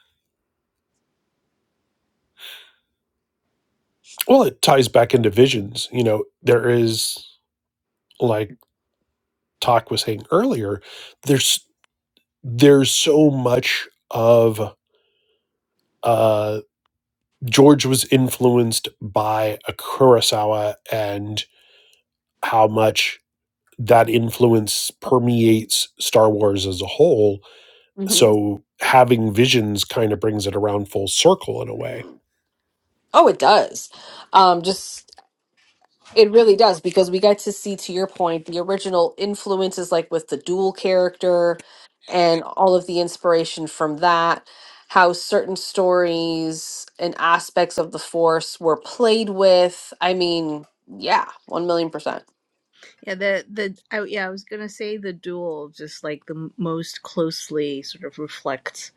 Well, it ties back into visions. You know, there is, like Talk was saying earlier, there's there's so much of uh George was influenced by a Kurosawa and. how much that influence permeates Star Wars as a whole.
hmm
So having visions kind of brings it around full circle in a way.
Oh, it does. Um just It really does because we get to see, to your point, the original influences, like with the dual character and all of the inspiration from that, how certain stories and aspects of the Force were played with. I mean, yeah, 1 million percent.
Yeah, the the I, yeah, I was gonna say the duel just like the m- most closely sort of reflects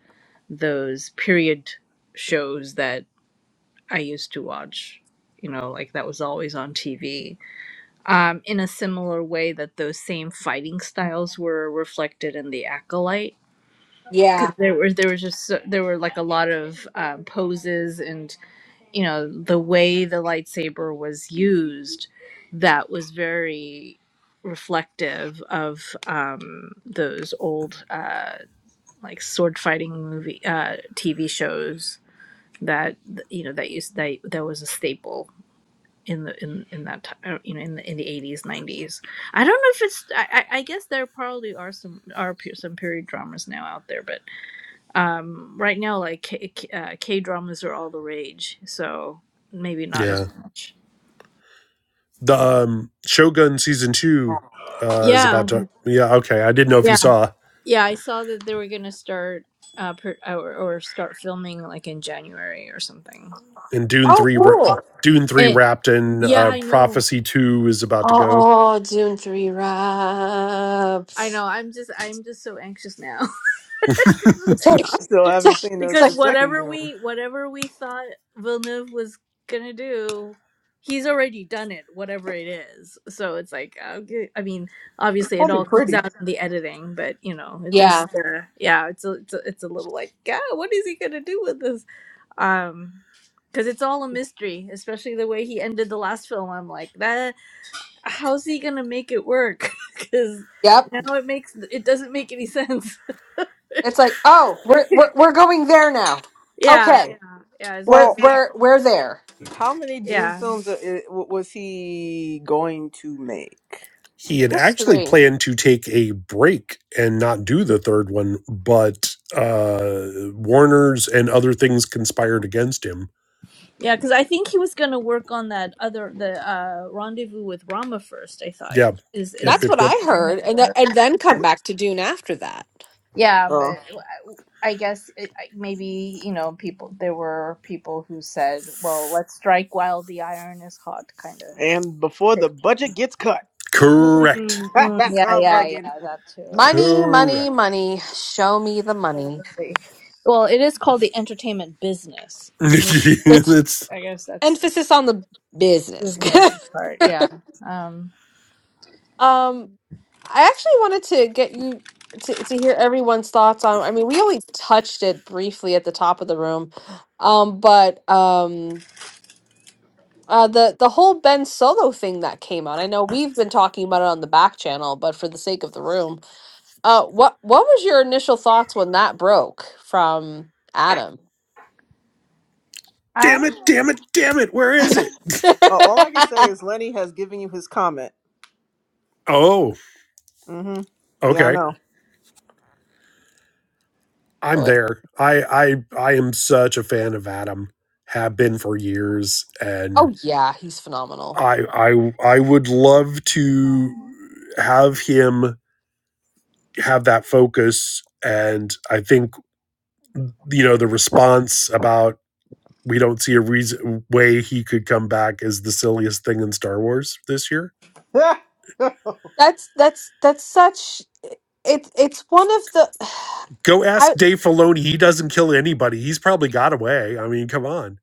those period shows that I used to watch. You know, like that was always on TV. Um, in a similar way that those same fighting styles were reflected in the Acolyte,
Yeah.
because there were there was just so, there were like a lot of um, poses and you know the way the lightsaber was used that was very reflective of um, those old uh, like sword fighting movie uh, TV shows that you know that used that that was a staple in the in, in that time you know in the in the eighties nineties. I don't know if it's I, I I guess there probably are some are pe- some period dramas now out there, but um right now like k, uh, K dramas are all the rage so maybe not as
Yeah.
much
The um, Shogun season two uh, is about
yeah
to. Yeah. Okay. I didn't know if you
yeah
saw.
yeah i saw that they were gonna start uh per, or, or start filming like in january or something
And Dune
Oh,
three,
What?
ra-
cool.
Dune three
and
wrapped in
yeah
uh,
i know
Prophecy two is about to
Oh,
go.
oh Dune 3
i
wrapped.
know i'm just i'm just so anxious now <laughs>
<laughs>
It's like,
I still
it's
haven't
like,
seen the,
it's like,
because
the second
whatever
Doom.
we whatever we thought Villeneuve was gonna do, he's already done it, whatever it is. So it's like, okay, I mean,
It's
obviously it
gonna be
all comes
pretty.
out in the editing, but you know, it
yeah,
just uh, yeah, it's a, it's a, it's a little like, God, what is he gonna do with this? Um, because it's all a mystery, especially the way he ended the last film. I'm like, that how's he gonna make it work? <laughs> Because
yep.
now it makes it doesn't make any sense.
It's like, oh, we're, we're, we're going there now.
<laughs> yeah,
Okay,
yeah, yeah. It
we're,
was
Well,
like,
we're, we're there.
how many Dune
yeah
films are, i- w- was he going to make?
He had
That's
actually
three.
planned to take a break and not do the third one, but uh, Warner's and other things conspired against him.
Yeah, because I think he was gonna work on that other the uh rendezvous with Rama first. I thought
Yeah.
is
Yep.
is
That's
Yep.
what
Yep.
I
I had
heard, and th-
heard.
and then come back to Dune after that.
Yeah,
Uh,
but I guess it, I- maybe, you know, people, there were people who said, well, let's strike while the iron is hot, kind
and before
of.
the budget gets cut,
Correct.
Mm,
<laughs>
mm.
that
Yeah,
sounds
yeah,
like it.
yeah,
Uh,
that too.
Money, money,
Correct.
money. Show me the money.
Totally. Well, it is called the entertainment business.
<laughs>
The movie,
It's
That's
I guess that's
emphasis on the business. <laughs>
business part. Yeah. Um,
um, I actually wanted to get you to to hear everyone's thoughts on. I mean, we only touched it briefly at the top of the room, um, but um. Uh, the the whole Ben Solo thing that came out. I know we've been talking about it on the back channel, but for the sake of the room, Uh, what what was your initial thoughts when that broke from Adam?
I.
damn it. Damn it. Damn it. Where is it?
<laughs>
all I can say is Lenny has given you his comment.
Oh,
Mm-hmm. Yeah,
okay. I'm
Oh yeah.
there. I I I am such a fan of Adam. Have been for years, and
Oh yeah, he's phenomenal.
I I I would love to have him have that focus. And I think, you know, the response about we don't see a reason way he could come back is the silliest thing in Star Wars this year.
I know. <laughs>
That's that's that's such it. it's one of the
Go
<sighs>
ask
I
Dave Filoni. He doesn't kill anybody. He's probably got away. I mean, come on.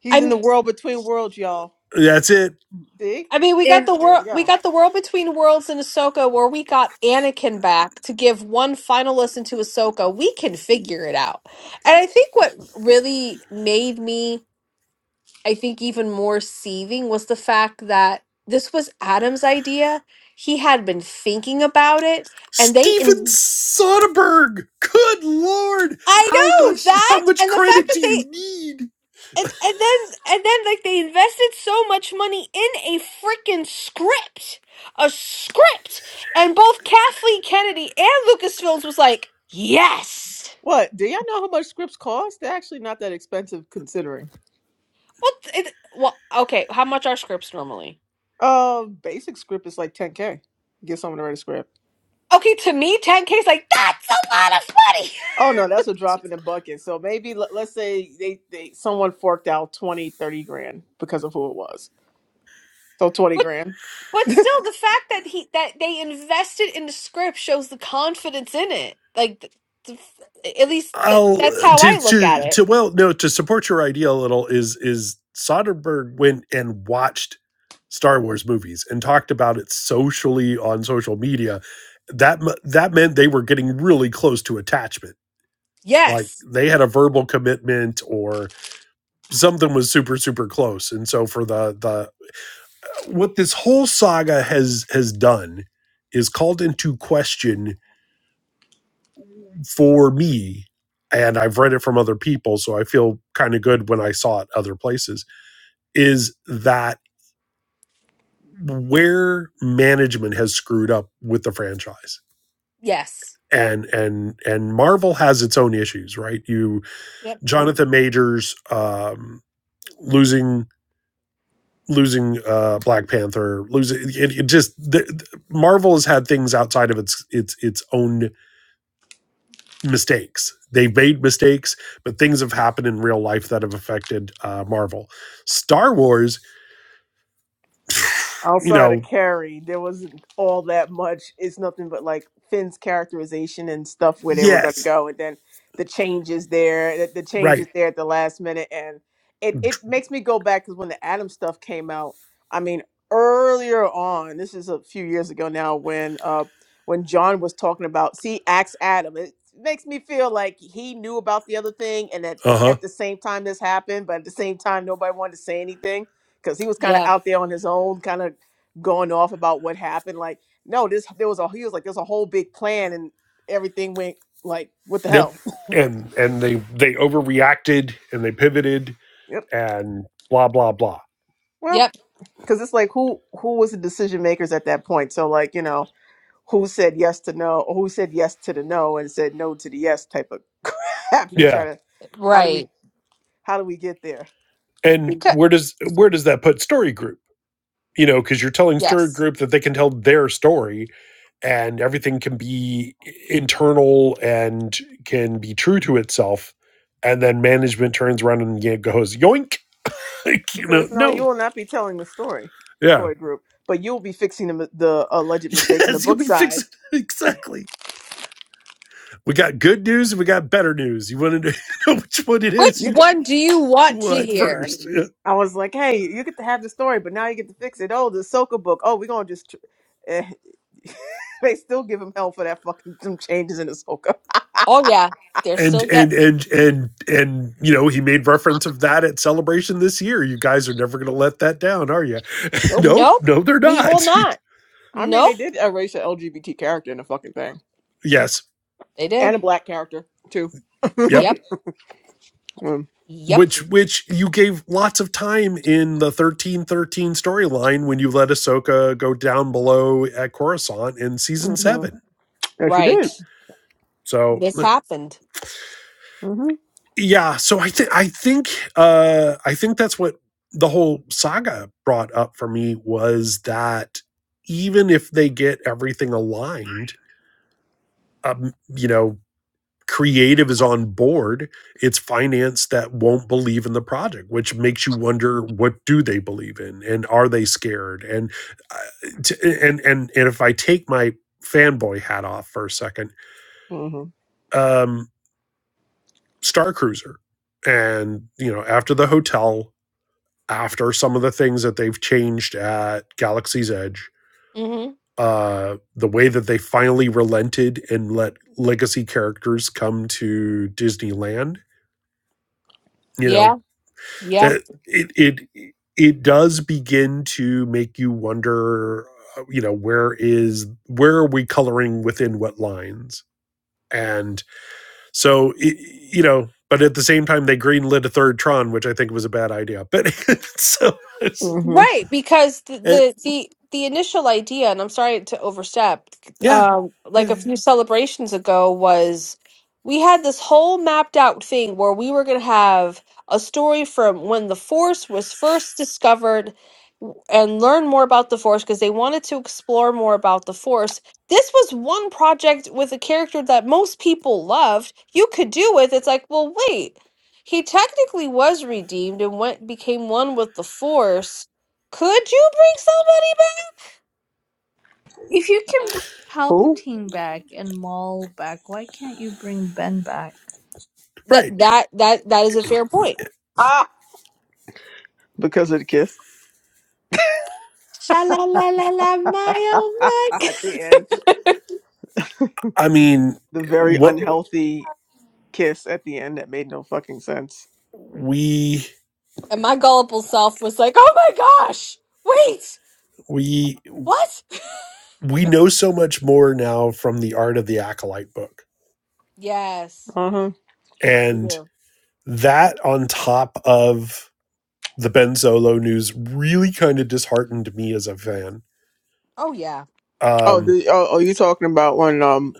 He's in
I'm
the world between worlds, y'all.
That's it.
See?
I mean we got
if
the
There
world
we
we
go.
got the world between worlds in Ahsoka where we got Anakin back to give one final listen to Ahsoka. We can figure it out. And I think what really made me I think even more seething was the fact that this was Adam's idea. He had been thinking about it, and they.
Steven
In-
Soderbergh. Good lord.
I
How
know
much
that,
how much
and the fact
credit
that
do
they.
you need?
And, and then and then like they invested so much money in a freaking script a script and both kathleen kennedy and lucasfilms was like yes
What? Do y'all know how much scripts cost? They're actually not that expensive considering.
what it, well okay how much are scripts normally
Uh, basic script is like 10K. Get someone to write a script.
okay to me 10k is like that's a lot of money
Oh no, that's a drop in the bucket. So maybe let, let's say they, they someone forked out twenty thirty grand because of who it was. So 20
<laughs>
grand.
But
<laughs>
still, the fact that he that they invested in the script shows the confidence in it. Like, th- th- at least that
I'll
that's how
to
I look at
to
it.
to well no to support your idea a little is is Soderbergh went and watched Star Wars movies and talked about it socially on social media. That mu- that meant they were getting really close to attachment. Like
Yes.
they had a verbal commitment or something was super super close. And so for the the what this whole saga has has done is called into question for me, and I've read it from other people, so I feel kind of good when I saw it other places, is that where management has screwed up with the franchise.
Yes.
And and and Marvel has its own issues, right? You
Yep.
Mm.
Jonathan Majors um losing losing uh Black Panther, losing it, it just the, Marvel has had things outside of its its its own mistakes. They made mistakes, but things have happened in real life that have affected uh, Marvel. Star Wars, you
outside of
know,
Carrie, there wasn't all that much. It's nothing but like Finn's characterization and stuff where they were going to
yes,
go, and then the changes there, the, the changes
right,
there at the last minute, and it it makes me go back because when the Adam stuff came out, I mean earlier on, this is a few years ago now when uh when John was talking about see axe Adam, it makes me feel like he knew about the other thing and that
uh huh,
at the same time this happened, but at the same time nobody wanted to say anything because he was kind of
Yeah.
out there on his own, kind of going off about what happened. Like, no, this there was a he was like there's a whole big plan and everything went like what the
yep,
hell? <laughs>
and and they they overreacted and they pivoted
Yep.
and blah blah blah.
Well,
Yep.
because it's like who who was the decision makers at that point? So like you know who said yes to no, or who said yes to the no and said no to the yes type of <laughs> crap. You try
Yeah,
to how do we
Right.
how do we get there?
and
Because,
where does where does that put Story Group? You know, because you're telling Story
yes.
Group that they can tell their story and everything can be internal and can be true to itself and then management turns around and yeah, goes yoink <laughs> like,
It
you know
says no, you
no
will not be telling the story
yeah
story group, but you'll be fixing the the
<laughs>
alleged mistakes in the
yes you'll
book
be fixing
side.
it. <laughs> exactly we got good news and we got better news you want to <laughs> know which one it is
Which
You
you
one do you want to
what
hear?
first <laughs> Yeah.
I was like, hey, you get to have the story, but now you get to fix it. Oh, the Ahsoka book. Oh, we're gonna just. Tr- eh. <laughs> they still give him hell for that fucking some changes in Ahsoka.
Oh yeah, they're
and
still get.
and and and and you know he made reference of that at celebration this year you guys are never going to let that down are you <laughs>
Nope.
nope
Nope.
no they're
We will
not
not.
I mean, they
Nope.
did erase an LGBT character in the fucking thing,
<laughs> yes
They
and
did.
a black character too.
yep
Yep.
Mm.
Yep.
which which you gave lots of time in the thirteen thirteen storyline when you let Ahsoka go down below at Coruscant in season
hmm
seven.
Yes, you
Right.
did.
So
This happened.
hmm
yeah, so I think I think uh, I think that's what the whole saga brought up for me was that even if they get everything aligned, um, you know. creative is on board it's finance that won't believe in the project which makes you wonder what do they believe in and are they scared and uh, t- and and and if i take my fanboy hat off for a second
hmm
um star cruiser and you know after the hotel after some of the things that they've changed at galaxy's edge
Mm-hmm.
uh the way that they finally relented and let legacy characters come to disneyland you know
Yeah. Yeah.
that it it it does begin to make you wonder uh, you know where is where are we coloring within what lines and so it, you know but at the same time they greenlit a third tron which i think was a bad idea but <laughs> so it's-
hmm
Right, because the
it,
the the, the initial idea, and I'm sorry to overstep,
yeah,
um,
yeah
like a
yeah.
few celebrations ago was we had this whole mapped out thing where we were going to have a story from when the Force was first discovered w- and learn more about the Force because they wanted to explore more about the Force. This was one project with a character that most people loved. You could do with it's like, well, wait. He technically was redeemed and went became one with the Force could you bring somebody back?
If you can bring
Who?
Palpatine back and Maul back, why can't you bring Ben back?
right
That that that that is a fair point.
Ah, because of the kiss.
Sha la la la la
<laughs> at
my oh my g-
the end,
i mean
the very
what
unhealthy kiss at the end that made no fucking sense.
we
<laughs> And my gullible self was like, Oh my gosh, wait,
we
what? <laughs>
we know so much more now from the art of the acolyte book
Yes. We
and
do.
that on top of the Ben Zolo news really kind of disheartened me as a fan.
Oh yeah.
Oh,
Um,
the, oh, oh, you talking about when um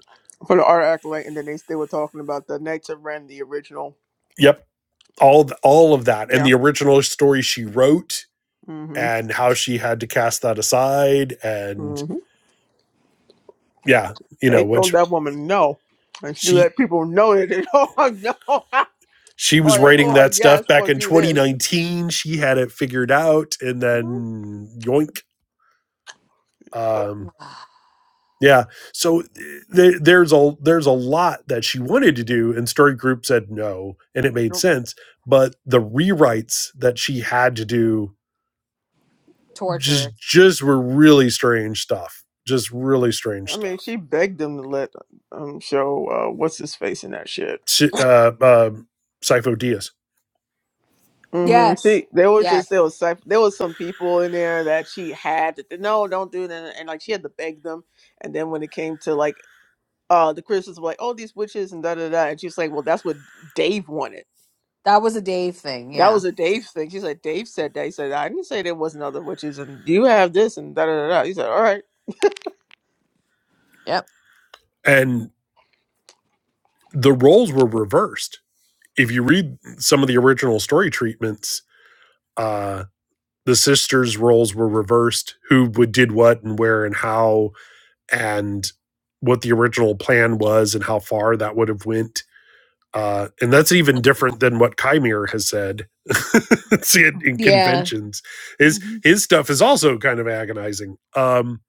for the art acolyte, and then they still were talking about the Knights of Ren, the original.
yep, all all of that and
Yeah.
the original story she wrote
hmm
and how she had to cast that aside and
hmm
yeah, you
They
know,
told
which
that woman no, and she
she
let people know that they <laughs> told her no, <laughs>
she was
or they
writing
told her
that
yes,
stuff back
or
in
do this.
2019. She had it figured out and
hmm
then yoink. Um,
<sighs>
Yeah. So th- there's a there's a lot that she wanted to do, and Story Group said no, and it made sense. But the rewrites that she had to do
Torture.
just just were really strange stuff. Just really strange
I mean,
stuff.
she begged them to let um show uh, what's his face in that shit.
Sy- Uh, uh, Sypho Diaz
hmm
Yes.
She there was just there
Yes.
was cypher, there was some people in there that she had to no don't do that and like she had to beg them and then when it came to like uh the criticism like oh these witches and da da da and she's like well that's what dave wanted
That was a Dave thing,
that
yeah.
was a dave thing she said dave said that he said i didn't say there wasn't other witches and you have this and da da da da." he said all right
Yep.
and the roles were reversed. If you read some of the original story treatments, uh, the sisters' roles were reversed. Who would did what and where and how and what the original plan was and how far that would have went. Uh, and that's even different than what Kymir has said. <laughs> See it in
Yeah.
conventions. His
hmm
his stuff is also kind of agonizing. Um,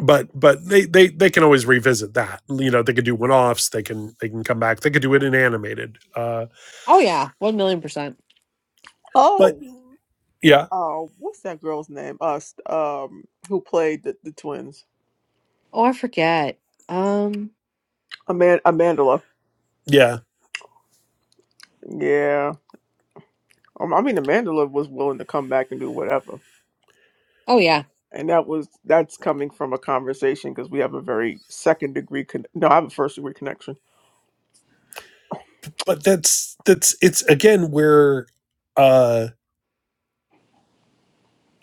but but they they they can always revisit that. You know, they could do one offs. They can they can come back. They could do it in animated. Uh,
Oh yeah. One million percent.
but
oh
yeah
uh what's that girl's name us um who played the, the twins
Oh I forget. Um
amanda amandala
yeah.
yeah um, i mean amandala was willing to come back and do whatever
oh yeah.
and that was that's coming from a conversation because we have a very second degree con- no i have a first degree connection
But that's that's it's again where uh,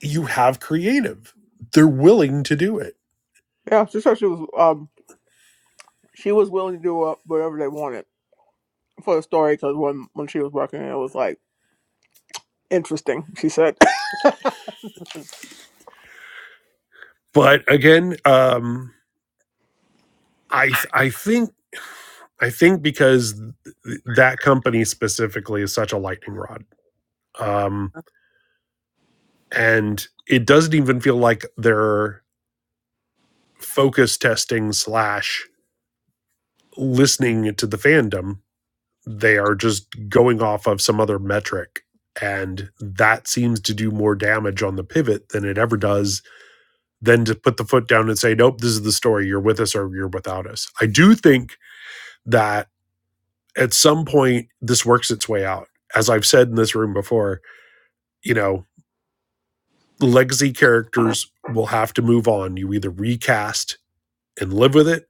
you have creative. They're willing to do it
yeah she said she was um she was willing to do uh, whatever they wanted for the story because when when she was working it was like interesting she said
but again um i th- i think i think because th- that company specifically is such a lightning rod um and it doesn't even feel like they're focus testing slash listening to the fandom they are just going off of some other metric and that seems to do more damage on the pivot than it ever does than to put the foot down and say nope this is the story you're with us or you're without us i do think that at some point this works its way out. As I've said in this room before, you know, legacy characters will have to move on. You either recast and live with it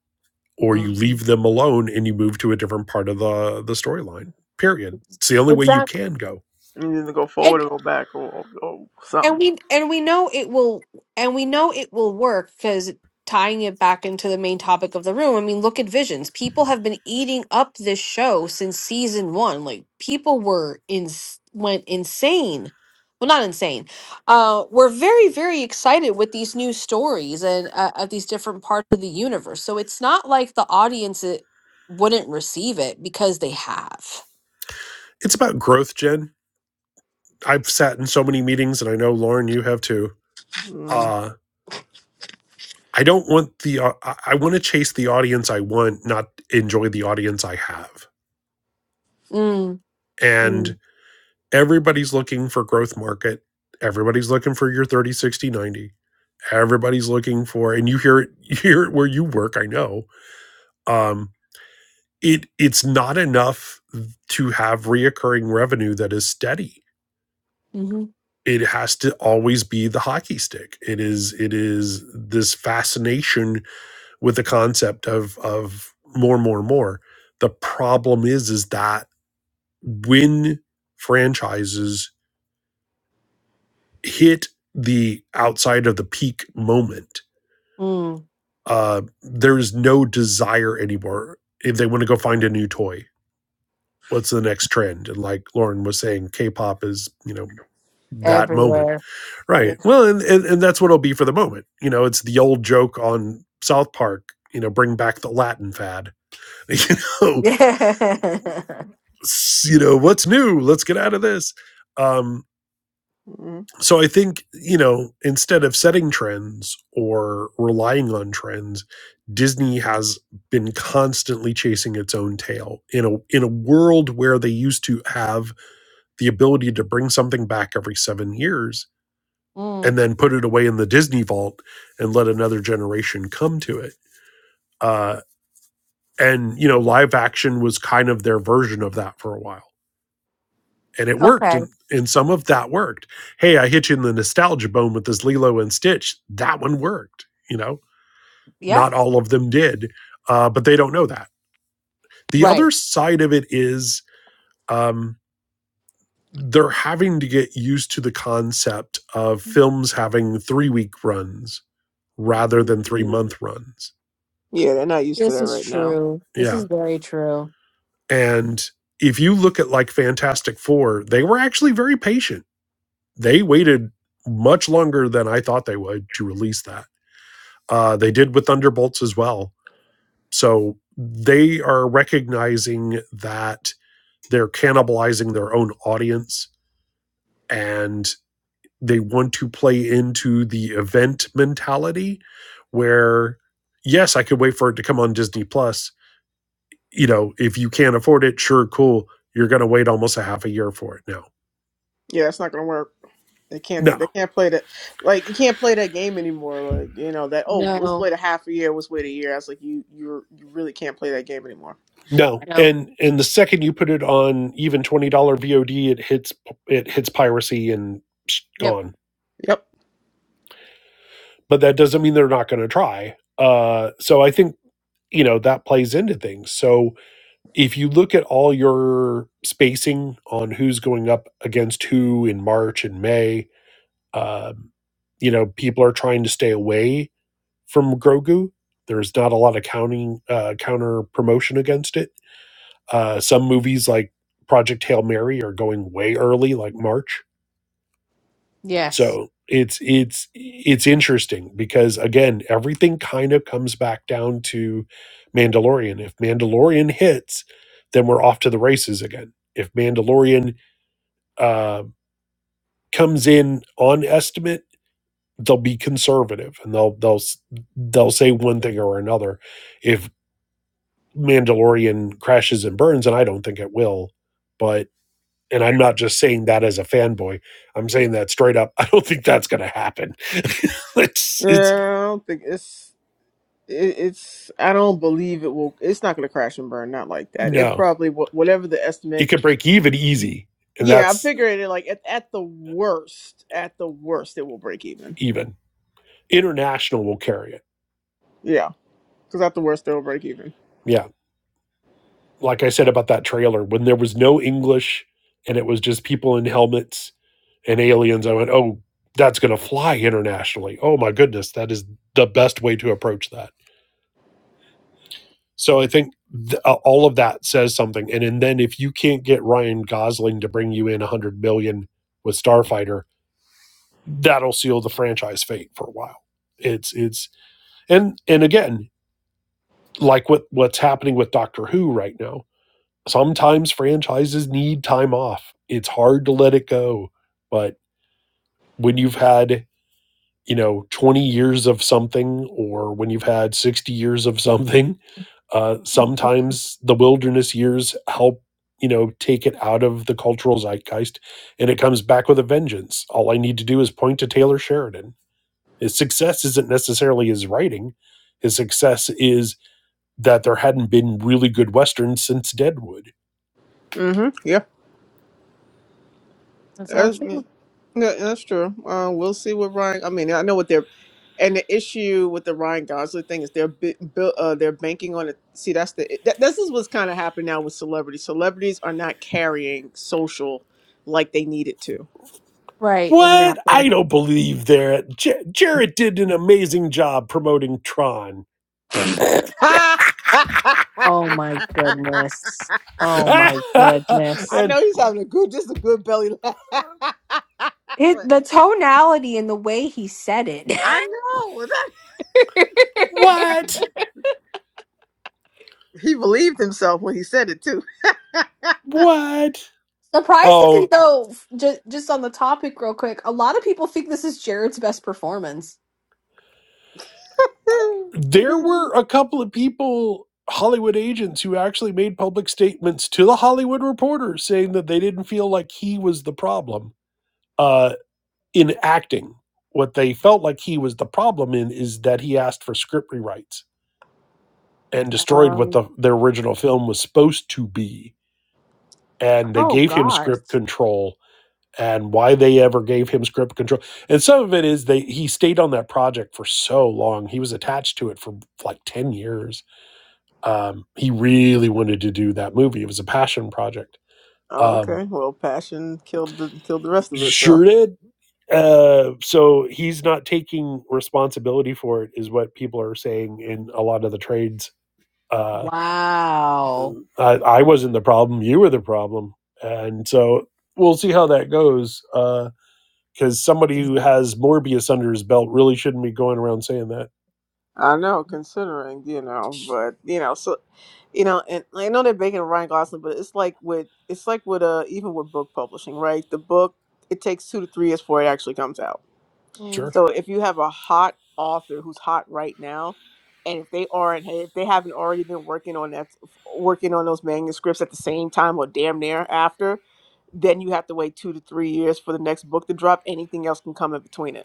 <laughs>
or you
mm-hmm.
leave them alone and you move to a different part of the the storyline. Period. It's the only way you
Exactly.
can go.
you either go forward or go back or, or, or
and
something
we and we know it will and we know it will work because tying it back into the main topic of the room i mean look at visions people have been eating up this show since season one like people were in went insane well not insane uh we're very very excited with these new stories and uh, of these different parts of the universe so it's not like the audience it, wouldn't receive it because they have
It's about growth, Jen. I've sat in so many meetings and I know Lauren you have too.
mm,
Uh I don't want the uh, I want to chase the audience I want, not enjoy the audience I have.
mm,
And
mm,
everybody's looking for growth market everybody's looking for your 30, 60, 90. everybody's looking for and you hear it <laughs> you hear it where you work i know um it it's not enough to have reoccurring revenue that is steady
mm-hmm,
it has to always be the hockey stick it is it is this fascination with the concept of of more more more the problem is is that when franchises hit the outside of the peak moment,
mm,
uh, there's no desire anymore. If they want to go find a new toy, what's the next trend? And like Lauren was saying, K-pop is you know that
everywhere
moment,
yeah
right? Well, and, and and that's what it'll be for the moment. You know, it's the old joke on South Park. You know, bring back the Latin fad. <laughs> You
<laughs>
know,
mm,
you know what's new? Let's get out of this. Um,
mm.
so I think, you know, instead of setting trends or relying on trends, Disney has been constantly chasing its own tail in a in a world where they used to have the ability to bring something back every 7 years and then put it away in the Disney vault and let another generation come to it. Uh and you know, live action was kind of their version of that for a while and it worked
okay.
and and some of that worked hey i hit you in the nostalgia bone with this lilo and stitch that one worked you know
Yeah.
not all of them did uh, but they don't know that the
Right.
other side of it is um, they're having to get used to the concept of films having three week runs rather than three month runs
yeah they're not used to
This
that
is
right now
true. This is
yeah
very true.
and if you look at like fantastic four they were actually very patient they waited much longer than i thought they would to release that Uh, they did with Thunderbolts as well. So they are recognizing that they're cannibalizing their own audience and they want to play into the event mentality where, yes, I could wait for it to come on Disney Plus. You know, if you can't afford it, sure, cool. You're going to wait almost a half a year for it now.
Yeah, that's not gonna work. They can't. They
No.
can't play that. Like you can't play that game anymore. Like you know that. Oh, let's
No.
wait a half a year. Let's wait a year. I was like, you, you, you really can't play that game anymore.
No,
No.
and and the second you put it on even twenty dollar VOD, it hits it hits piracy and
Yep.
gone
Yep.
but that doesn't mean they're not going to try. Uh, so I think you know that plays into things. So if you look at all your spacing on who's going up against who in March and May, um, you know people are trying to stay away from Grogu. There's not a lot of counting uh, counter promotion against it. Uh, some movies like Project Hail Mary are going way early, like March
Yes.
so it's it's it's interesting because again everything kind of comes back down to mandalorian if mandalorian hits then we're off to the races again if mandalorian uh, comes in on estimate they'll be conservative and they'll they'll s- they'll say one thing or another if mandalorian crashes and burns and i don't think it will but and i'm not just saying that as a fanboy i'm saying that straight up <laughs> i don't think that's going to happen <laughs> it's
Yeah,
it's
I don't think it's. It, it's. I don't believe it will. It's not gonna crash and burn. Not like that. It
No,
probably wha- whatever the
it
estimate.
could break even easy, and
Yeah, I'm
that's
figuring it like at at the worst. At the worst, it will break even.
even. International will carry it.
Yeah, because at the worst, it will break even.
Yeah. Like I said about that trailer, when there was no English and it was just people in helmets and aliens, I went, oh, that's going to fly internationally. Oh my goodness, that is the best way to approach that. So I think th- uh, all of that says something. And, and then if you can't get Ryan Gosling to bring you in 100 million with Starfighter, that'll seal the franchise fate for a while. It's, it's, and and again like what what's happening with Doctor Who right now. Sometimes franchises need time off. It's hard to let it go, but when you've had, you know, 20 years of something or when you've had 60 years of something, uh sometimes the wilderness years help, you know, take it out of the cultural zeitgeist and it comes back with a vengeance. All I need to do is point to Taylor Sheridan. His success isn't necessarily his writing. His success is that there hadn't been really good westerns since Deadwood.
Mm-hmm.
That's all
Yeah.
true.
Yeah, yeah, that's true. Uh, we'll see what Ryan. I mean, I know what they're, and the issue with the Ryan Gosling thing is they're bi- bu- uh, they're banking on it. See, that's the that, this is what's kind of happened now with celebrities. Celebrities are not carrying social like they needed to.
Right.
What?
Exactly.
I don't believe that. J- Jarrett did an amazing job promoting Tron.
<laughs> I
Oh my goodness.
<laughs>
Oh my goodness.
and
know he's having a good, just a good belly laugh. <laughs>
It,
But
the tonality and the way he said it.
I know <laughs> that
what?
he believed himself when he said it too.
What?
<laughs> Surprisingly,
Oh,
though, just just on the topic, real quick, a lot of people think this is Jared's best performance.
uh, there
<laughs>
were a couple of people, Hollywood agents, who actually made public statements to the Hollywood Reporter saying that they didn't feel like he was the problem uh, in acting. What they felt like he was the problem in is that he asked for script rewrites and destroyed what
Um,
the their original film was supposed to be and they
Oh
gave him
gosh!
script control and why they ever gave him script control and some of it is they he stayed on that project for so long he was attached to it for like 10 years um, he really wanted to do that movie it was a passion project
Oh,
um,
okay. Well, passion killed the killed the rest of it. So
sure did uh, so he's not taking responsibility for it is what people are saying in a lot of the trades Uh.
Wow.
I, I wasn't the problem. You were the problem. And so we'll see how that goes. Uh, Because somebody who has Morbius under his belt really shouldn't be going around saying that.
I know, considering you know, but you know, so you know, and I know they're making Ryan Gosling, but it's like with it's like with uh even with book publishing, right? The book it takes two to three years before it actually comes out.
Hmm.
Sure.
So if you have a hot author who's hot right now, and if they aren't, hey, if they haven't already been working on that, working on those manuscripts at the same time or damn near after, then you have to wait two to three years for the next book to drop. Anything else can come in between it.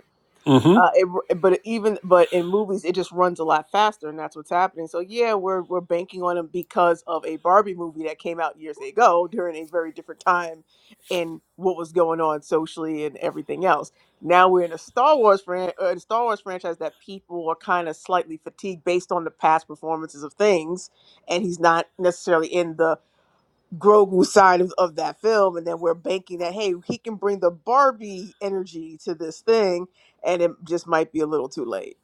hmm
Uh, it, but even but in movies, it just runs a lot faster, and that's what's happening. So yeah, we're we're banking on them because of a Barbie movie that came out years ago during a very different time, and what was going on socially and everything else. Now we're in a Star Wars fran- uh, in a Star Wars franchise that people are kind of slightly fatigued based on the past performances of things, and he's not necessarily in the Grogu side of, of that film, and then we're banking that hey, he can bring the Barbie energy to this thing, and it just might be a little too late.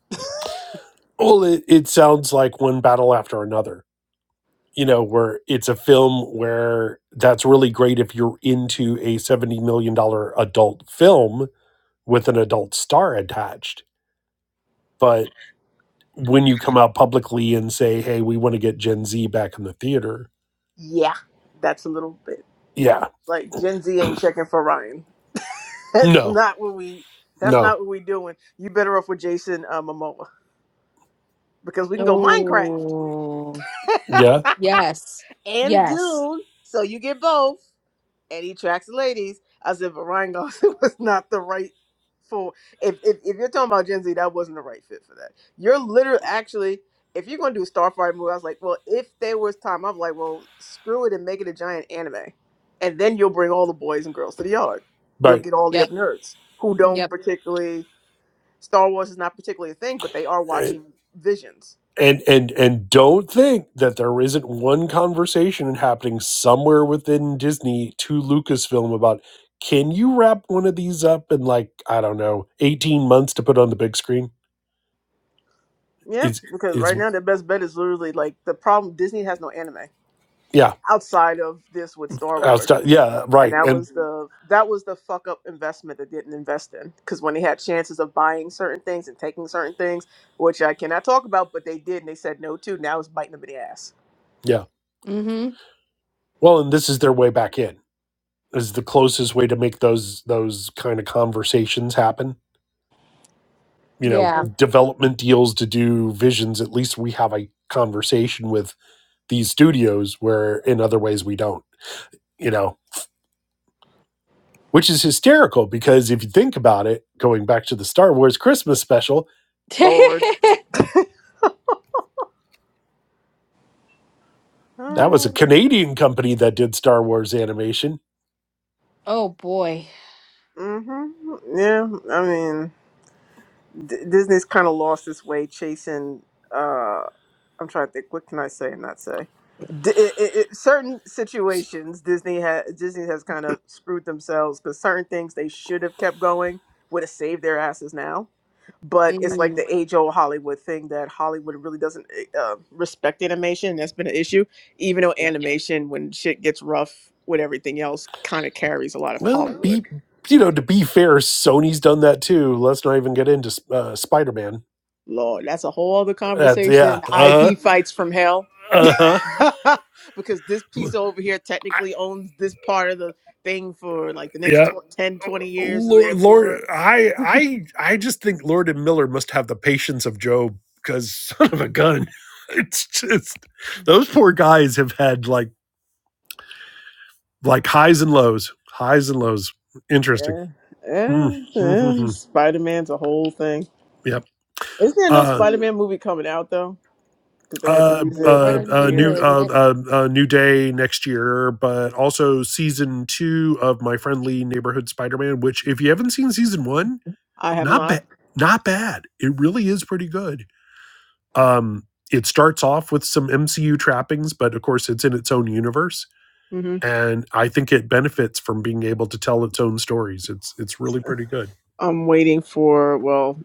Well, it, it sounds like one battle after another. You know, where it's a film where that's really great if you're into a $70 million dollars adult film with an adult star attached. But when you come out publicly and say, hey, we want to get Gen Z back in the theater,
Yeah, that's a little bit
yeah,
like Gen Z ain't checking for Ryan. <laughs> That's
no,
not what we. That's
no
not what we doing. You better off with Jason uh, Momoa because we can go Minecraft
Oh,
Yeah,
yes.
<laughs> and
Yes.
Dune, so you get both. and he tracks the ladies. I said, but Ryan Gosling <laughs> was not the right for. If, if if you're talking about Gen Z, that wasn't the right fit for that. You're literally actually, if you're gonna do a Starfire movie, I was like, well, if there was time, I'm like, well, screw it and make it a giant anime, and then you'll bring all the boys and girls to the yard. You'll
right.
get all the
Yep.
other nerds who don't
Yep.
particularly Star Wars is not particularly a thing, but they are
And
watching Visions.
and and and don't think that there isn't one conversation happening somewhere within Disney to Lucasfilm about can you wrap one of these up in like I don't know eighteen months to put on the big screen?
Yeah,
It's
because
it's
right now their best bet is literally like the problem. Disney has no anime.
yeah
outside of this with Star Wars
outside
and
yeah
and
right
that
and
was the that was the fuck up investment that didn't invest in because when they had chances of buying certain things and taking certain things which I cannot talk about but they did and they said no to now it's biting them in the ass
yeah
Mm-hmm.
well and this is their way back in is the closest way to make those those kind of conversations happen. You know,
Yeah.
Mm,
development deals to do visions. At least we have a conversation with these studios where in other ways we don't, you know, which is hysterical because if you think about it, going back to the Star Wars Christmas special,
<laughs>
Lord
that was
Ah.
a Canadian company that did Star Wars animation.
oh boy.
mm-hmm yeah I mean D- Disney's kind of lost its way chasing. Uh, I'm trying to think. What can I say and not say? D- it, it, it- certain situations, Disney has Disney has kind of screwed themselves because certain things they should have kept going would have saved their asses now. But it's like
Mm.
the age old Hollywood thing that Hollywood really doesn't eh, uh, respect animation. and That's been an issue, even though
Yeah.
animation, when shit gets rough with everything else, kind of carries a lot of
Well,
Hollywood.
be you know, to be fair, Sony's done that too. Let's not even get into uh, Spider Man.
Lord, that's a whole other
That's yeah,
conversation.
uh
IP fights from hell. <laughs>
huh, uh
because this
huh.
piece over here technically owns this part of the thing for like the next
yeah.
tw- 10, twenty years. So
Lord, Lord,
therefore,
I,
<laughs>
I, I just think Lord and Miller must have the patience of Job because <laughs> son of a gun, <laughs> it's just
yeah,
those poor guys have had like like highs and lows, highs and lows. Interesting.
yeah,
Mm,
yeah.
mm-hmm,
Spider Man's a whole thing.
yep.
Isn't there no
Uh,
Spider Man movie coming out though? because they had to
uh,
use it
uh,
for
brand new
uh,
day,
new,
years.
isn't
uh,
it?
uh, uh, new day next year, but also season two of my friendly neighborhood Spider-Man. Which, if you haven't seen season one,
I have
not
Mhm.
not.
bad, not bad. It really is pretty good Um, it starts off with some MCU trappings, but of course, it's in its own universe,
hmm
and I think it benefits from being able to tell its own stories. It's it's really pretty good.
I'm waiting for well,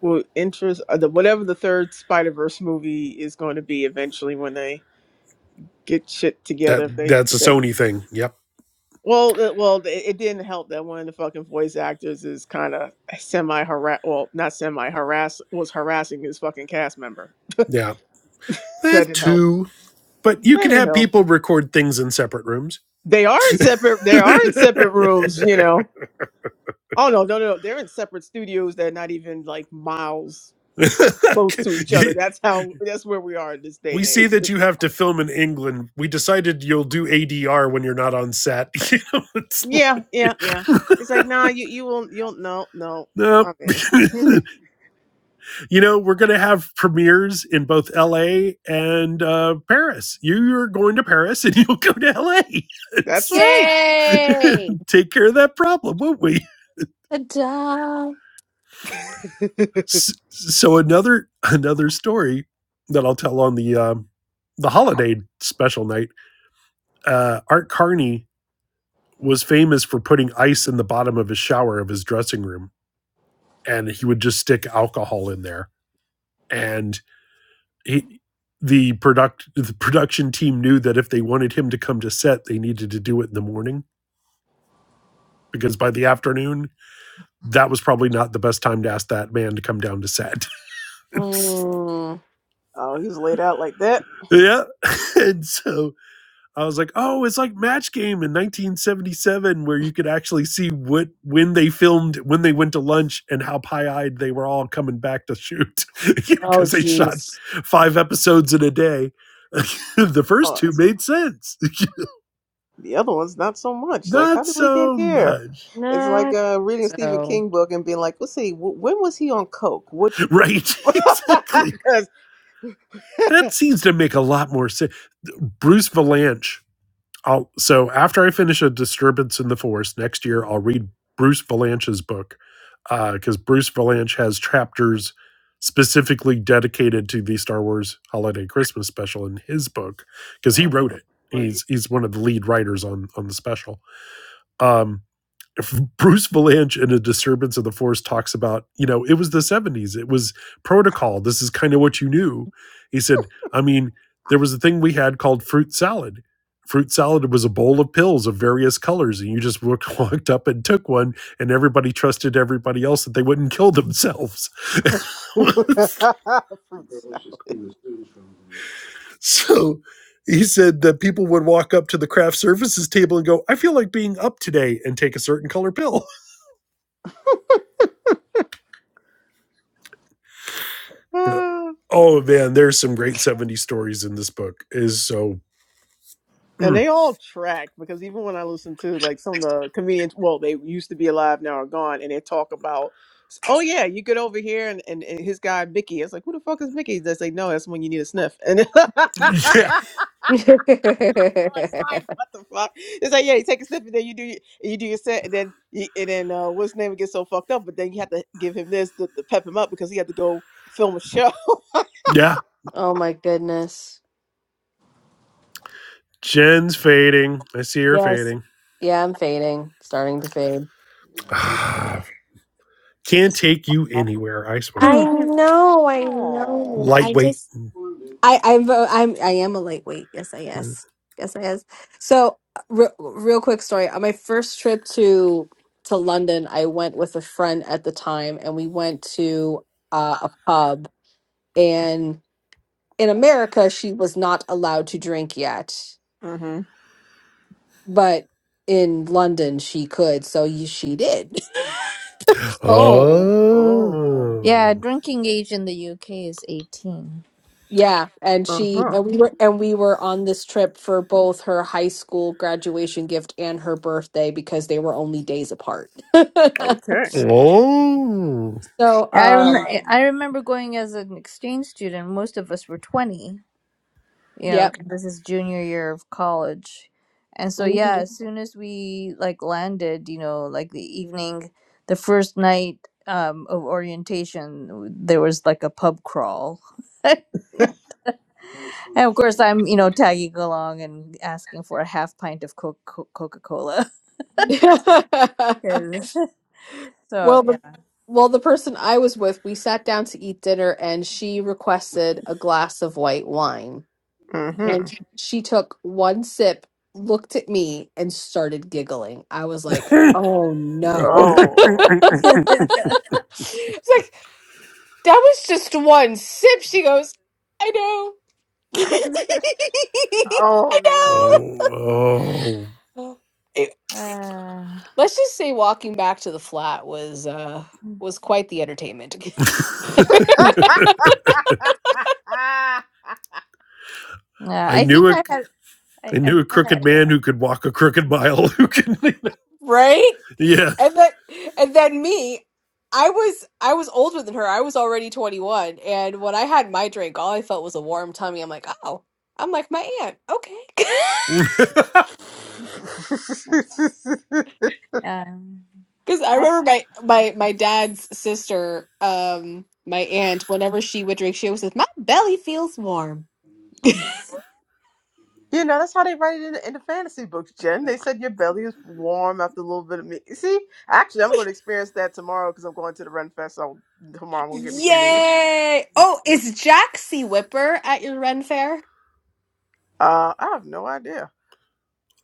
well, interest uh, the whatever the third Spider Verse movie is going to be eventually when they get shit together.
That
If they
that's a
if they can.
Sony thing. Yep.
Well, it, well, it, it didn't help that one of the fucking voice actors is kind of semi harass. Well, not semi harass was harassing his fucking cast member.
Yeah.
That
That
didn't help.
too. But you
That
can
didn't
have
help.
people record things in separate rooms.
They are in separate. They
<laughs>
are in separate rooms. You know. Oh no, no, no! They're in separate studios. They're not even like miles close to each other. That's how that's where we are in this day
we
and
see
age.
that
<laughs>
you have to film in England. We decided you'll do ADR when you're not on set. <laughs> You know, it's
Yeah, yeah, yeah.
like,
It's like, nah, you you won't you'll no, no.
<laughs>
I'm
nope.
in.
<laughs>
<laughs>
you know, we're going to have premieres in both LA and uh, Paris. You're going to Paris and <laughs> you'll go to LA. <laughs>
That's
It's-
right.
<laughs>
Yay!
take care of that problem, won't we?
Ta-da!
<laughs>
S- So another another story that I'll tell on the um, the holiday special night. Uh, Art Carney was famous for putting ice in the bottom of his shower of his dressing room, and he would just stick alcohol in there. and he, the product the production team knew that if they wanted him to come to set, they needed to do it in the morning because by the afternoon, that was probably not the best time to ask that man to come down to set.
Mm.
oh, he's laid out like that.
<laughs> yeah, <laughs> and so I was like, oh, it's like Match Game in 1977 where you could actually see what when they filmed when they went to lunch and how pie eyed they were all coming back to shoot <laughs>
Oh
because they shot
jeez.
five episodes in a day. <laughs> the
Oh
first two
that's-
made sense.
the other one's not so
<laughs>
much. Like, how
Not
did we get
so
here?
much.
It's like
Not
uh reading a Stephen
so.
King book and being like, let's see, w- when was he on Coke? Which which
Right,
<laughs>
<laughs> exactly.
'Cause-
That
<laughs>
seems to make a lot more sense. Bruce Valanche. I'll, so after I finish A Disturbance in the Forest next year, I'll
Mhm.
read Bruce Valanche's book because uh, Bruce Valanche has chapters specifically dedicated to the Star Wars Holiday Christmas Special in his book because he
Oh,
wrote
no.
it. He's he's one of the lead writers on on the special. Um, Bruce Valanche in A Disturbance of the Force talks about, you know, it was the 70s. It was protocol. This is kind of what you knew. He said, I mean, there was a thing we had called fruit salad. Fruit salad was a bowl of pills of various colors, and you just <laughs> walked up and took one, and everybody trusted everybody else that they wouldn't kill themselves.
<laughs>
<laughs>
Fruit salad.
so he said that people would walk up to the craft services table and go, I feel like being up today, and take a certain color pill. Uh,
<sighs>
Oh man, there's some great '70s stories in this book. It Is so
And
mm,
they all track because even when I listen to like some of the comedians, well, they used to be alive, now are gone, and they talk about, oh yeah, you get over here and, and, and his guy Mickey. It's like, who the fuck is Mickey? They say, no, that's when you need a sniff. And <laughs> oh,
yeah.
<laughs>
it's like, what the fuck? It's like, yeah, you take a sniff and then you do your- and you do your set, and then you, and then uh, what's his name gets so fucked up, but then you have to give him this to, to pep him up because he had to go film a show.
Yeah.
oh my goodness.
Jen's fading. I see her
Yes.
fading.
Yeah, I'm fading. Starting to fade.
Yeah.
<sighs> Ah, Can't take you anywhere, I swear.
I
Hmm.
<laughs> know, I
Oh.
know. I
Lightweight.
just I I am I'm I am a lightweight. Yes, I yes, yes, I yes. So, re- real quick story. On my first trip to to London, I went with a friend at the time, and we went to uh, a pub. And in America, she was not allowed to drink yet,
Mm-hmm.
but in London, she could. So you, she did. <laughs>
Oh.
Oh. Oh.
Yeah, drinking age in the UK is 18.
Yeah, and
Uh
she
huh.
and we were and we were on this trip for both her high school graduation gift and her birthday because they were only days apart. <laughs>
Okay.
Oh.
So,
I
um,
rem- I remember going as an exchange student. Most of us were 20, you know,
yep.
'cause this is junior year of college. And so yeah,
Mhm.
as soon as we like landed, you know, like the evening, the first night um, of orientation, there was like a pub crawl. <laughs> And of course, I'm you know tagging along and asking for a half pint of co- co- Coca Cola. <laughs> <laughs>
<laughs>
so
Well,
yeah,
the well, the person I was with, we sat down to eat dinner and she requested a glass of white wine.
Mm-hmm.
And she took one sip, looked at me, and started giggling. I was
<laughs>
like, "Oh no."
Oh,
<laughs>
<laughs>
It's like, That was just one sip. She goes, I know.
oh,
<laughs> I
oh
oh.
no.
Oh.
know. It- it-
uh,
Let's just say walking back to the flat was uh was quite the entertainment. <laughs>
<laughs>
<laughs>
yeah.
I
I
knew
think
a
I had. I,
I
I
knew a
think I
crooked
had.
man
Yeah.
who could walk a crooked mile who could
right?
<laughs> Yeah.
And then and then me, I was I was older than her. I was already 21 and when I had my drink, all I felt was a warm tummy. I'm like, "Oh, I'm like my aunt." Okay. <laughs>
<laughs>
Um,
Because I
I.
remember my my my dad's sister, um, my aunt. Whenever she would drink, she always says, "My belly feels warm."
you know, that's how they write it in the, in the fantasy books, Jen. They said your belly is warm after a little bit of meat. See, actually, I'm going to experience that tomorrow because I'm going to the Ren Fest. So tomorrow I'm going to get me some meat.
Yay! Oh, is Jaxie Whipper at your Ren Fair?
Uh, I have no idea.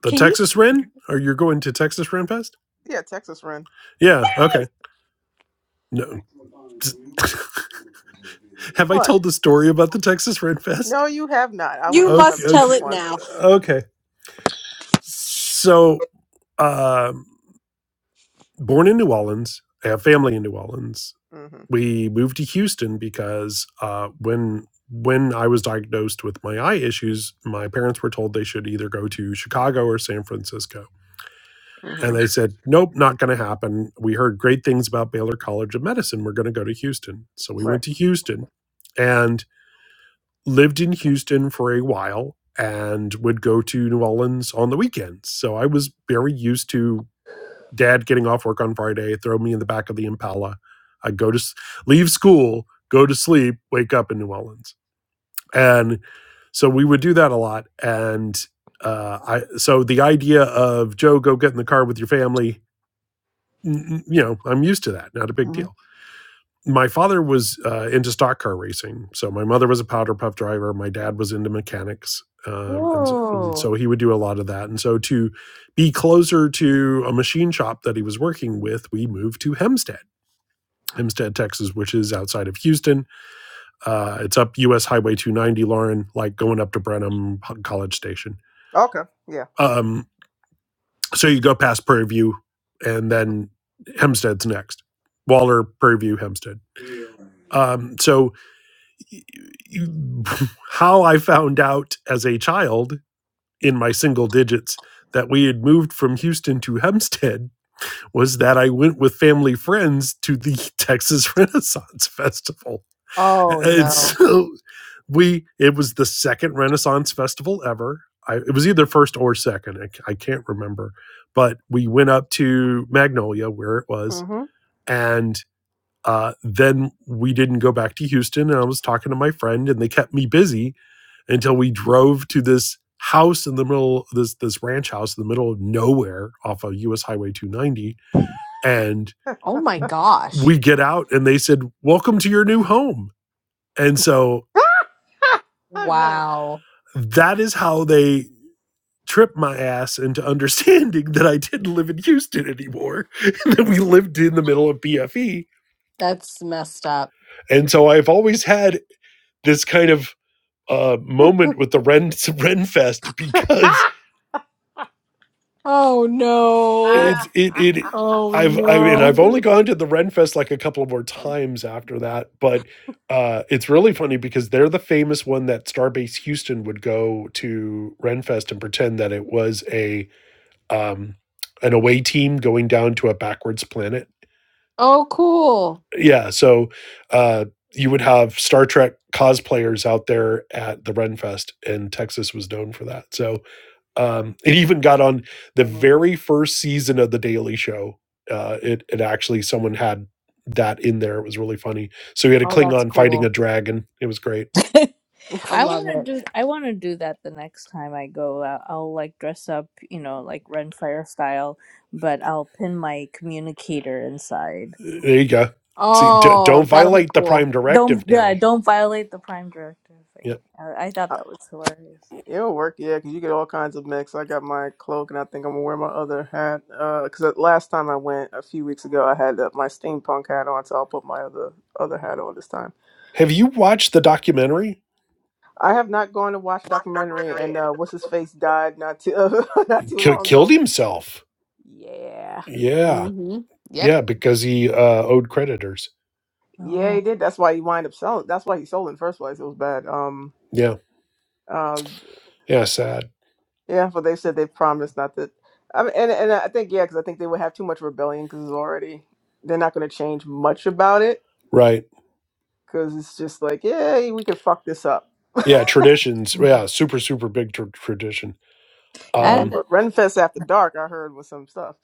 The
Can you?
Texas
say?
Ren? Or you're going to Texas Ren Fest?
Yeah, Texas Ren.
Yeah. Okay. No. <laughs> Have I
What?
told the story about the Texas Ren Fest?
No, you have not. I would
You
have
Okay.
must
remembered
tell
Okay.
this
it
one.
now.
okay. So, um, born in New Orleans, I have family in New Orleans.
Mm-hmm.
We moved to Houston because uh, when when I was diagnosed with my eye issues, my parents were told they should either go to Chicago or San Francisco And
hmm
they said, nope, not going to happen. We heard great things about Baylor College of Medicine. We're going to go to Houston. So we
Right.
went to Houston and lived in Houston for a while and would go to New Orleans on the weekends. So I was very used to dad getting off work on Friday, throw me in the back of the Impala. I'd go to s- leave school, go to sleep, wake up in New Orleans. And so we would do that a lot. And uh, I, so the idea of Joe, go get in the car with your family Mm, you know, I'm used to that. Not a big
hmm
deal. My father was uh, into stock car racing, so my mother was a powder puff driver. My dad was into mechanics, um, and, so, and
Oh,
so he would do a lot of that. And so to be closer to a machine shop that he was working with, we moved to Hempstead, Hempstead, Texas, which is outside of Houston. Uh, it's up U.S. Highway 290, Lauren, like going up to Brenham College Station.
Okay. Yeah.
Um, so you go past Prairie View, and then Hempstead's next. Waller, Prairie View, Hempstead
<laughs>
Um, so, y- <laughs> how I found out as a child in my single digits that we had moved from Houston to Hempstead was that I went with family friends to the <laughs> Texas Renaissance Festival.
oh
And
no!
so we, it was the second Renaissance Festival ever. I, it was either first or second. I c- I can't remember. But we went up to Magnolia where it was.
hmm
And uh, then we didn't go back to Houston, and I was talking to my friend, and they kept me busy until we drove to this house in the middle, this this ranch house in the middle of nowhere off of U.S. Highway 290, and
<laughs>
Oh my gosh!
we get out, and they said, "Welcome to your new home." And so
<laughs> Okay.
Wow,
that is how they tripped my ass into <laughs> understanding that I didn't live in Houston anymore, <laughs> that we lived in the middle of BFE.
that's messed up.
And so I've always had this kind of uh, moment with the Ren <laughs> Renfest
<laughs>
because
Oh no!
it's it it
Oh
I've I mean
no!
I've only gone to the Renfest like a couple of more times after that, but uh, it's really funny because they're the famous one that Starbase Houston would go to Renfest and pretend that it was a um, an away team going down to a backwards planet.
Oh, cool!
Yeah, so uh, you would have Star Trek cosplayers out there at the Renfest, and Texas was known for that. So Um, it even got on the very first season of The Daily Show. Uh, it it actually someone had that in there. It was really funny. So we had a
Oh, that's
Klingon fighting a
cool.
dragon. It was great.
I
I want
love
to
it.
do. I want to do that the next time I go. I'll, I'll like dress up, you know, like Ren Fire style, but I'll pin my communicator inside.
There you go. See, d- don't
Oh, that'll be
violate the
cool.
Prime
Don't
Directive
yeah,
now.
don't violate the prime directive thing.
yeah.
I, I thought
Uh,
that was hilarious.
It'll work, yeah, 'cause you get all kinds of mix. I got my cloak, and I think I'm gonna wear my other hat. Uh 'cause because last time I went a few weeks ago, I had uh, my steampunk hat on, so I'll put my other other hat on this time.
Have you watched the documentary?
I have not gone to watch a documentary, and uh, what's his face died not too <laughs> not too
K-
long
killed
ago.
himself.
Yeah,
Yeah,
hmm Yep.
yeah, because he uh, owed creditors.
yeah, he
Oh,
did. That's why he wind up selling. That's why he sold in the first place. It was bad. Um,
Yeah,
uh,
yeah, sad.
Yeah, but they said they promised not to. I mean, and and I think yeah, because I think they would have too much rebellion because it's already they're not going to change much about it
Right.
because it's just like yeah, we can fuck this up. <laughs>
Yeah, traditions. Yeah, super super big tr- tradition.
I
hmm
had
Um,
a,
But Renfest After Dark, I heard was some stuff.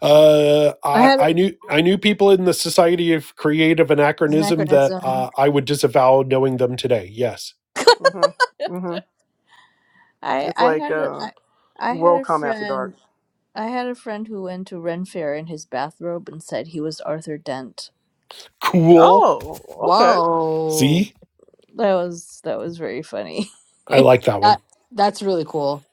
Uh,
I
I,
had an
I knew I knew people in the Society of Creative Anachronism that
anachronism.
uh, I would disavow knowing them today. Yes,
hmm hmm
I
It's
I
like
had a,
uh,
I, I had a
WorldCom After Dark.
friend. I had a friend who went to Ren Fair in his bathrobe and said he was Arthur Dent.
cool.
Oh, okay.
Whoa.
See,
That was that was very funny. <laughs>
I like that
That
one.
that's really cool.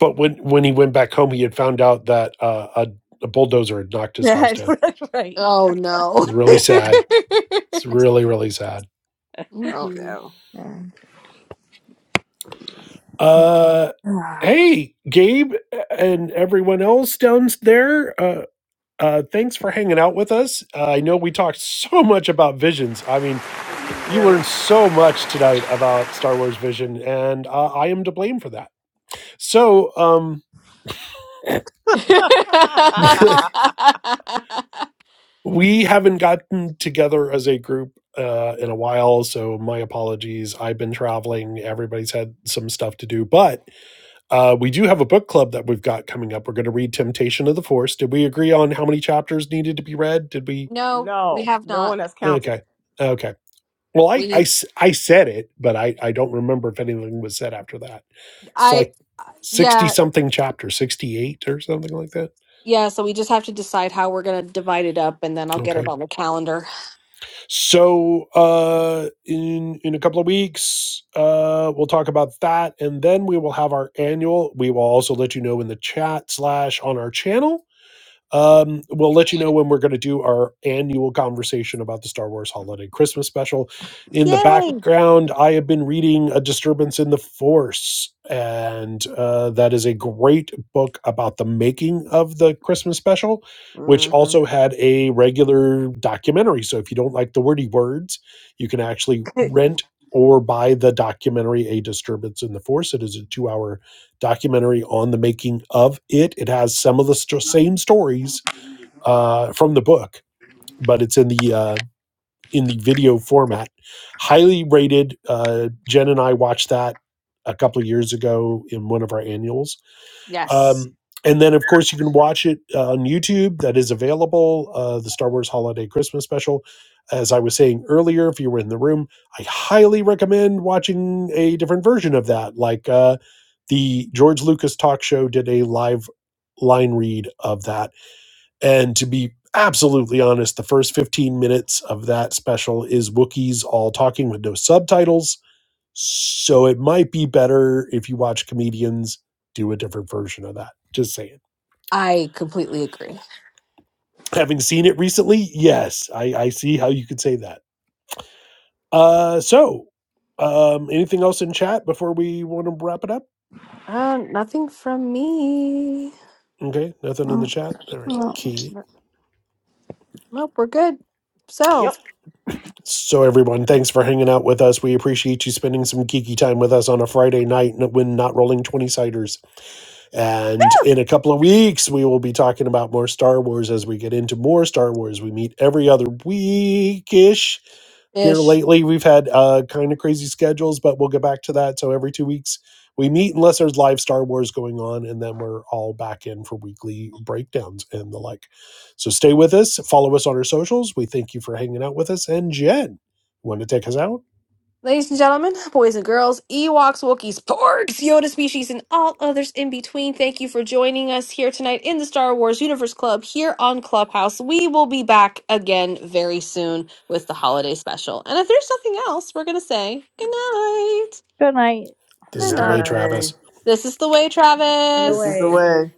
But when when he went back home, he had found out that uh, a, a bulldozer had knocked his house
Yeah,
down. It
<laughs> right.
Oh no.
was really
<laughs>
hmm
sad. It's really really sad.
Oh
hmm
no,
Uh,
Yeah.
hey, Gabe and everyone else down there. Uh, uh, thanks for hanging out with us. Uh, I know we talked so much about visions. I mean, You
yeah. We...
learned so much tonight about Star Wars Vision, and uh, I am to blame for that. So, um, <coughs>
<laughs>
<laughs>
<laughs>
we haven't gotten together as a group uh, in a while, so my apologies. I've been traveling. Everybody's had some stuff to do, but uh, we do have a book club that we've got coming up. We're going to read Temptation of the Force. Did we agree on how many chapters needed to be read? Did we?
no, we
no,
have
no one
not.
that's counting.
Okay. Okay. Well,
We
I, I s- I said it, but I, I don't remember if anything was said after that. It's
I
like 60
yeah,
something chapter, 68 or something like that.
yeah, so we just have to decide how we're gonna divide it up and then I'll get it
Okay.
on the calendar.
So, uh, in, in a couple of weeks, uh, we'll talk about that. And then we will have our annual. We will also let you know in the chat slash on our channel Um, we'll let you know when we're going to do our annual conversation about the Star Wars Holiday Christmas Special. In the
Yay.
background, I have been reading A Disturbance in the Force, and uh, that is a great book about the making of the Christmas Special, which
hmm
also had a regular documentary. So if you don't like the wordy words, you can actually
<sighs>
rent or buy the documentary A Disturbance in the Force. It is a two hour documentary on the making of it. It has some of the st- same stories uh, from the book, but it's in the uh, in the video format. Highly rated. Uh, Jen and I watched that a couple of years ago in one of our annuals
Yes.
um, and then, of course, you can watch it uh, on YouTube. That is available. Uh, the Star Wars Holiday Christmas Special. As I was saying earlier, if you were in the room, I highly recommend watching a different version of that. Like uh, the George Lucas talk show did a live line read of that. And to be absolutely honest, the first 15 minutes of that special is Wookiees all talking with no subtitles so it might be better if you watch comedians do a different version of that. Just saying.
I completely agree.
Having seen it recently, yes, I, I see how you could say that. Uh, so, um, anything else in chat before we want to wrap it up?
Uh, nothing from me.
Okay, nothing in the
Mm.
chat. All right, key.
Nope, we're good. So,
Yep.
So, everyone, thanks for hanging out with us. We appreciate you spending some geeky time with us on a Friday night when not rolling 20 ciders. And in a couple of weeks, we will be talking about more Star Wars as we get into more Star Wars. We meet every other week ish. Here
ish.
lately, we've had uh, kind of crazy schedules, but we'll get back to that. So every two weeks, we meet unless there's live Star Wars going on, and then we're all back in for weekly breakdowns and the like. So stay with us, follow us on our socials. We thank you for hanging out with us. And Jen, want to take us out?
Ladies and gentlemen, <laughs> boys and girls, Ewoks, Wookiees, Porgs, Yoda species, and all others in between, thank you for joining us here tonight in the Star Wars Universe Club here on Clubhouse. We will be back again very soon with the holiday special. And if there's nothing else, we're going to say good night.
Good night.
This
Good
Good
is the way,
night.
Travis.
night.
This is the way,
The
This is
Travis.
the
way.
way.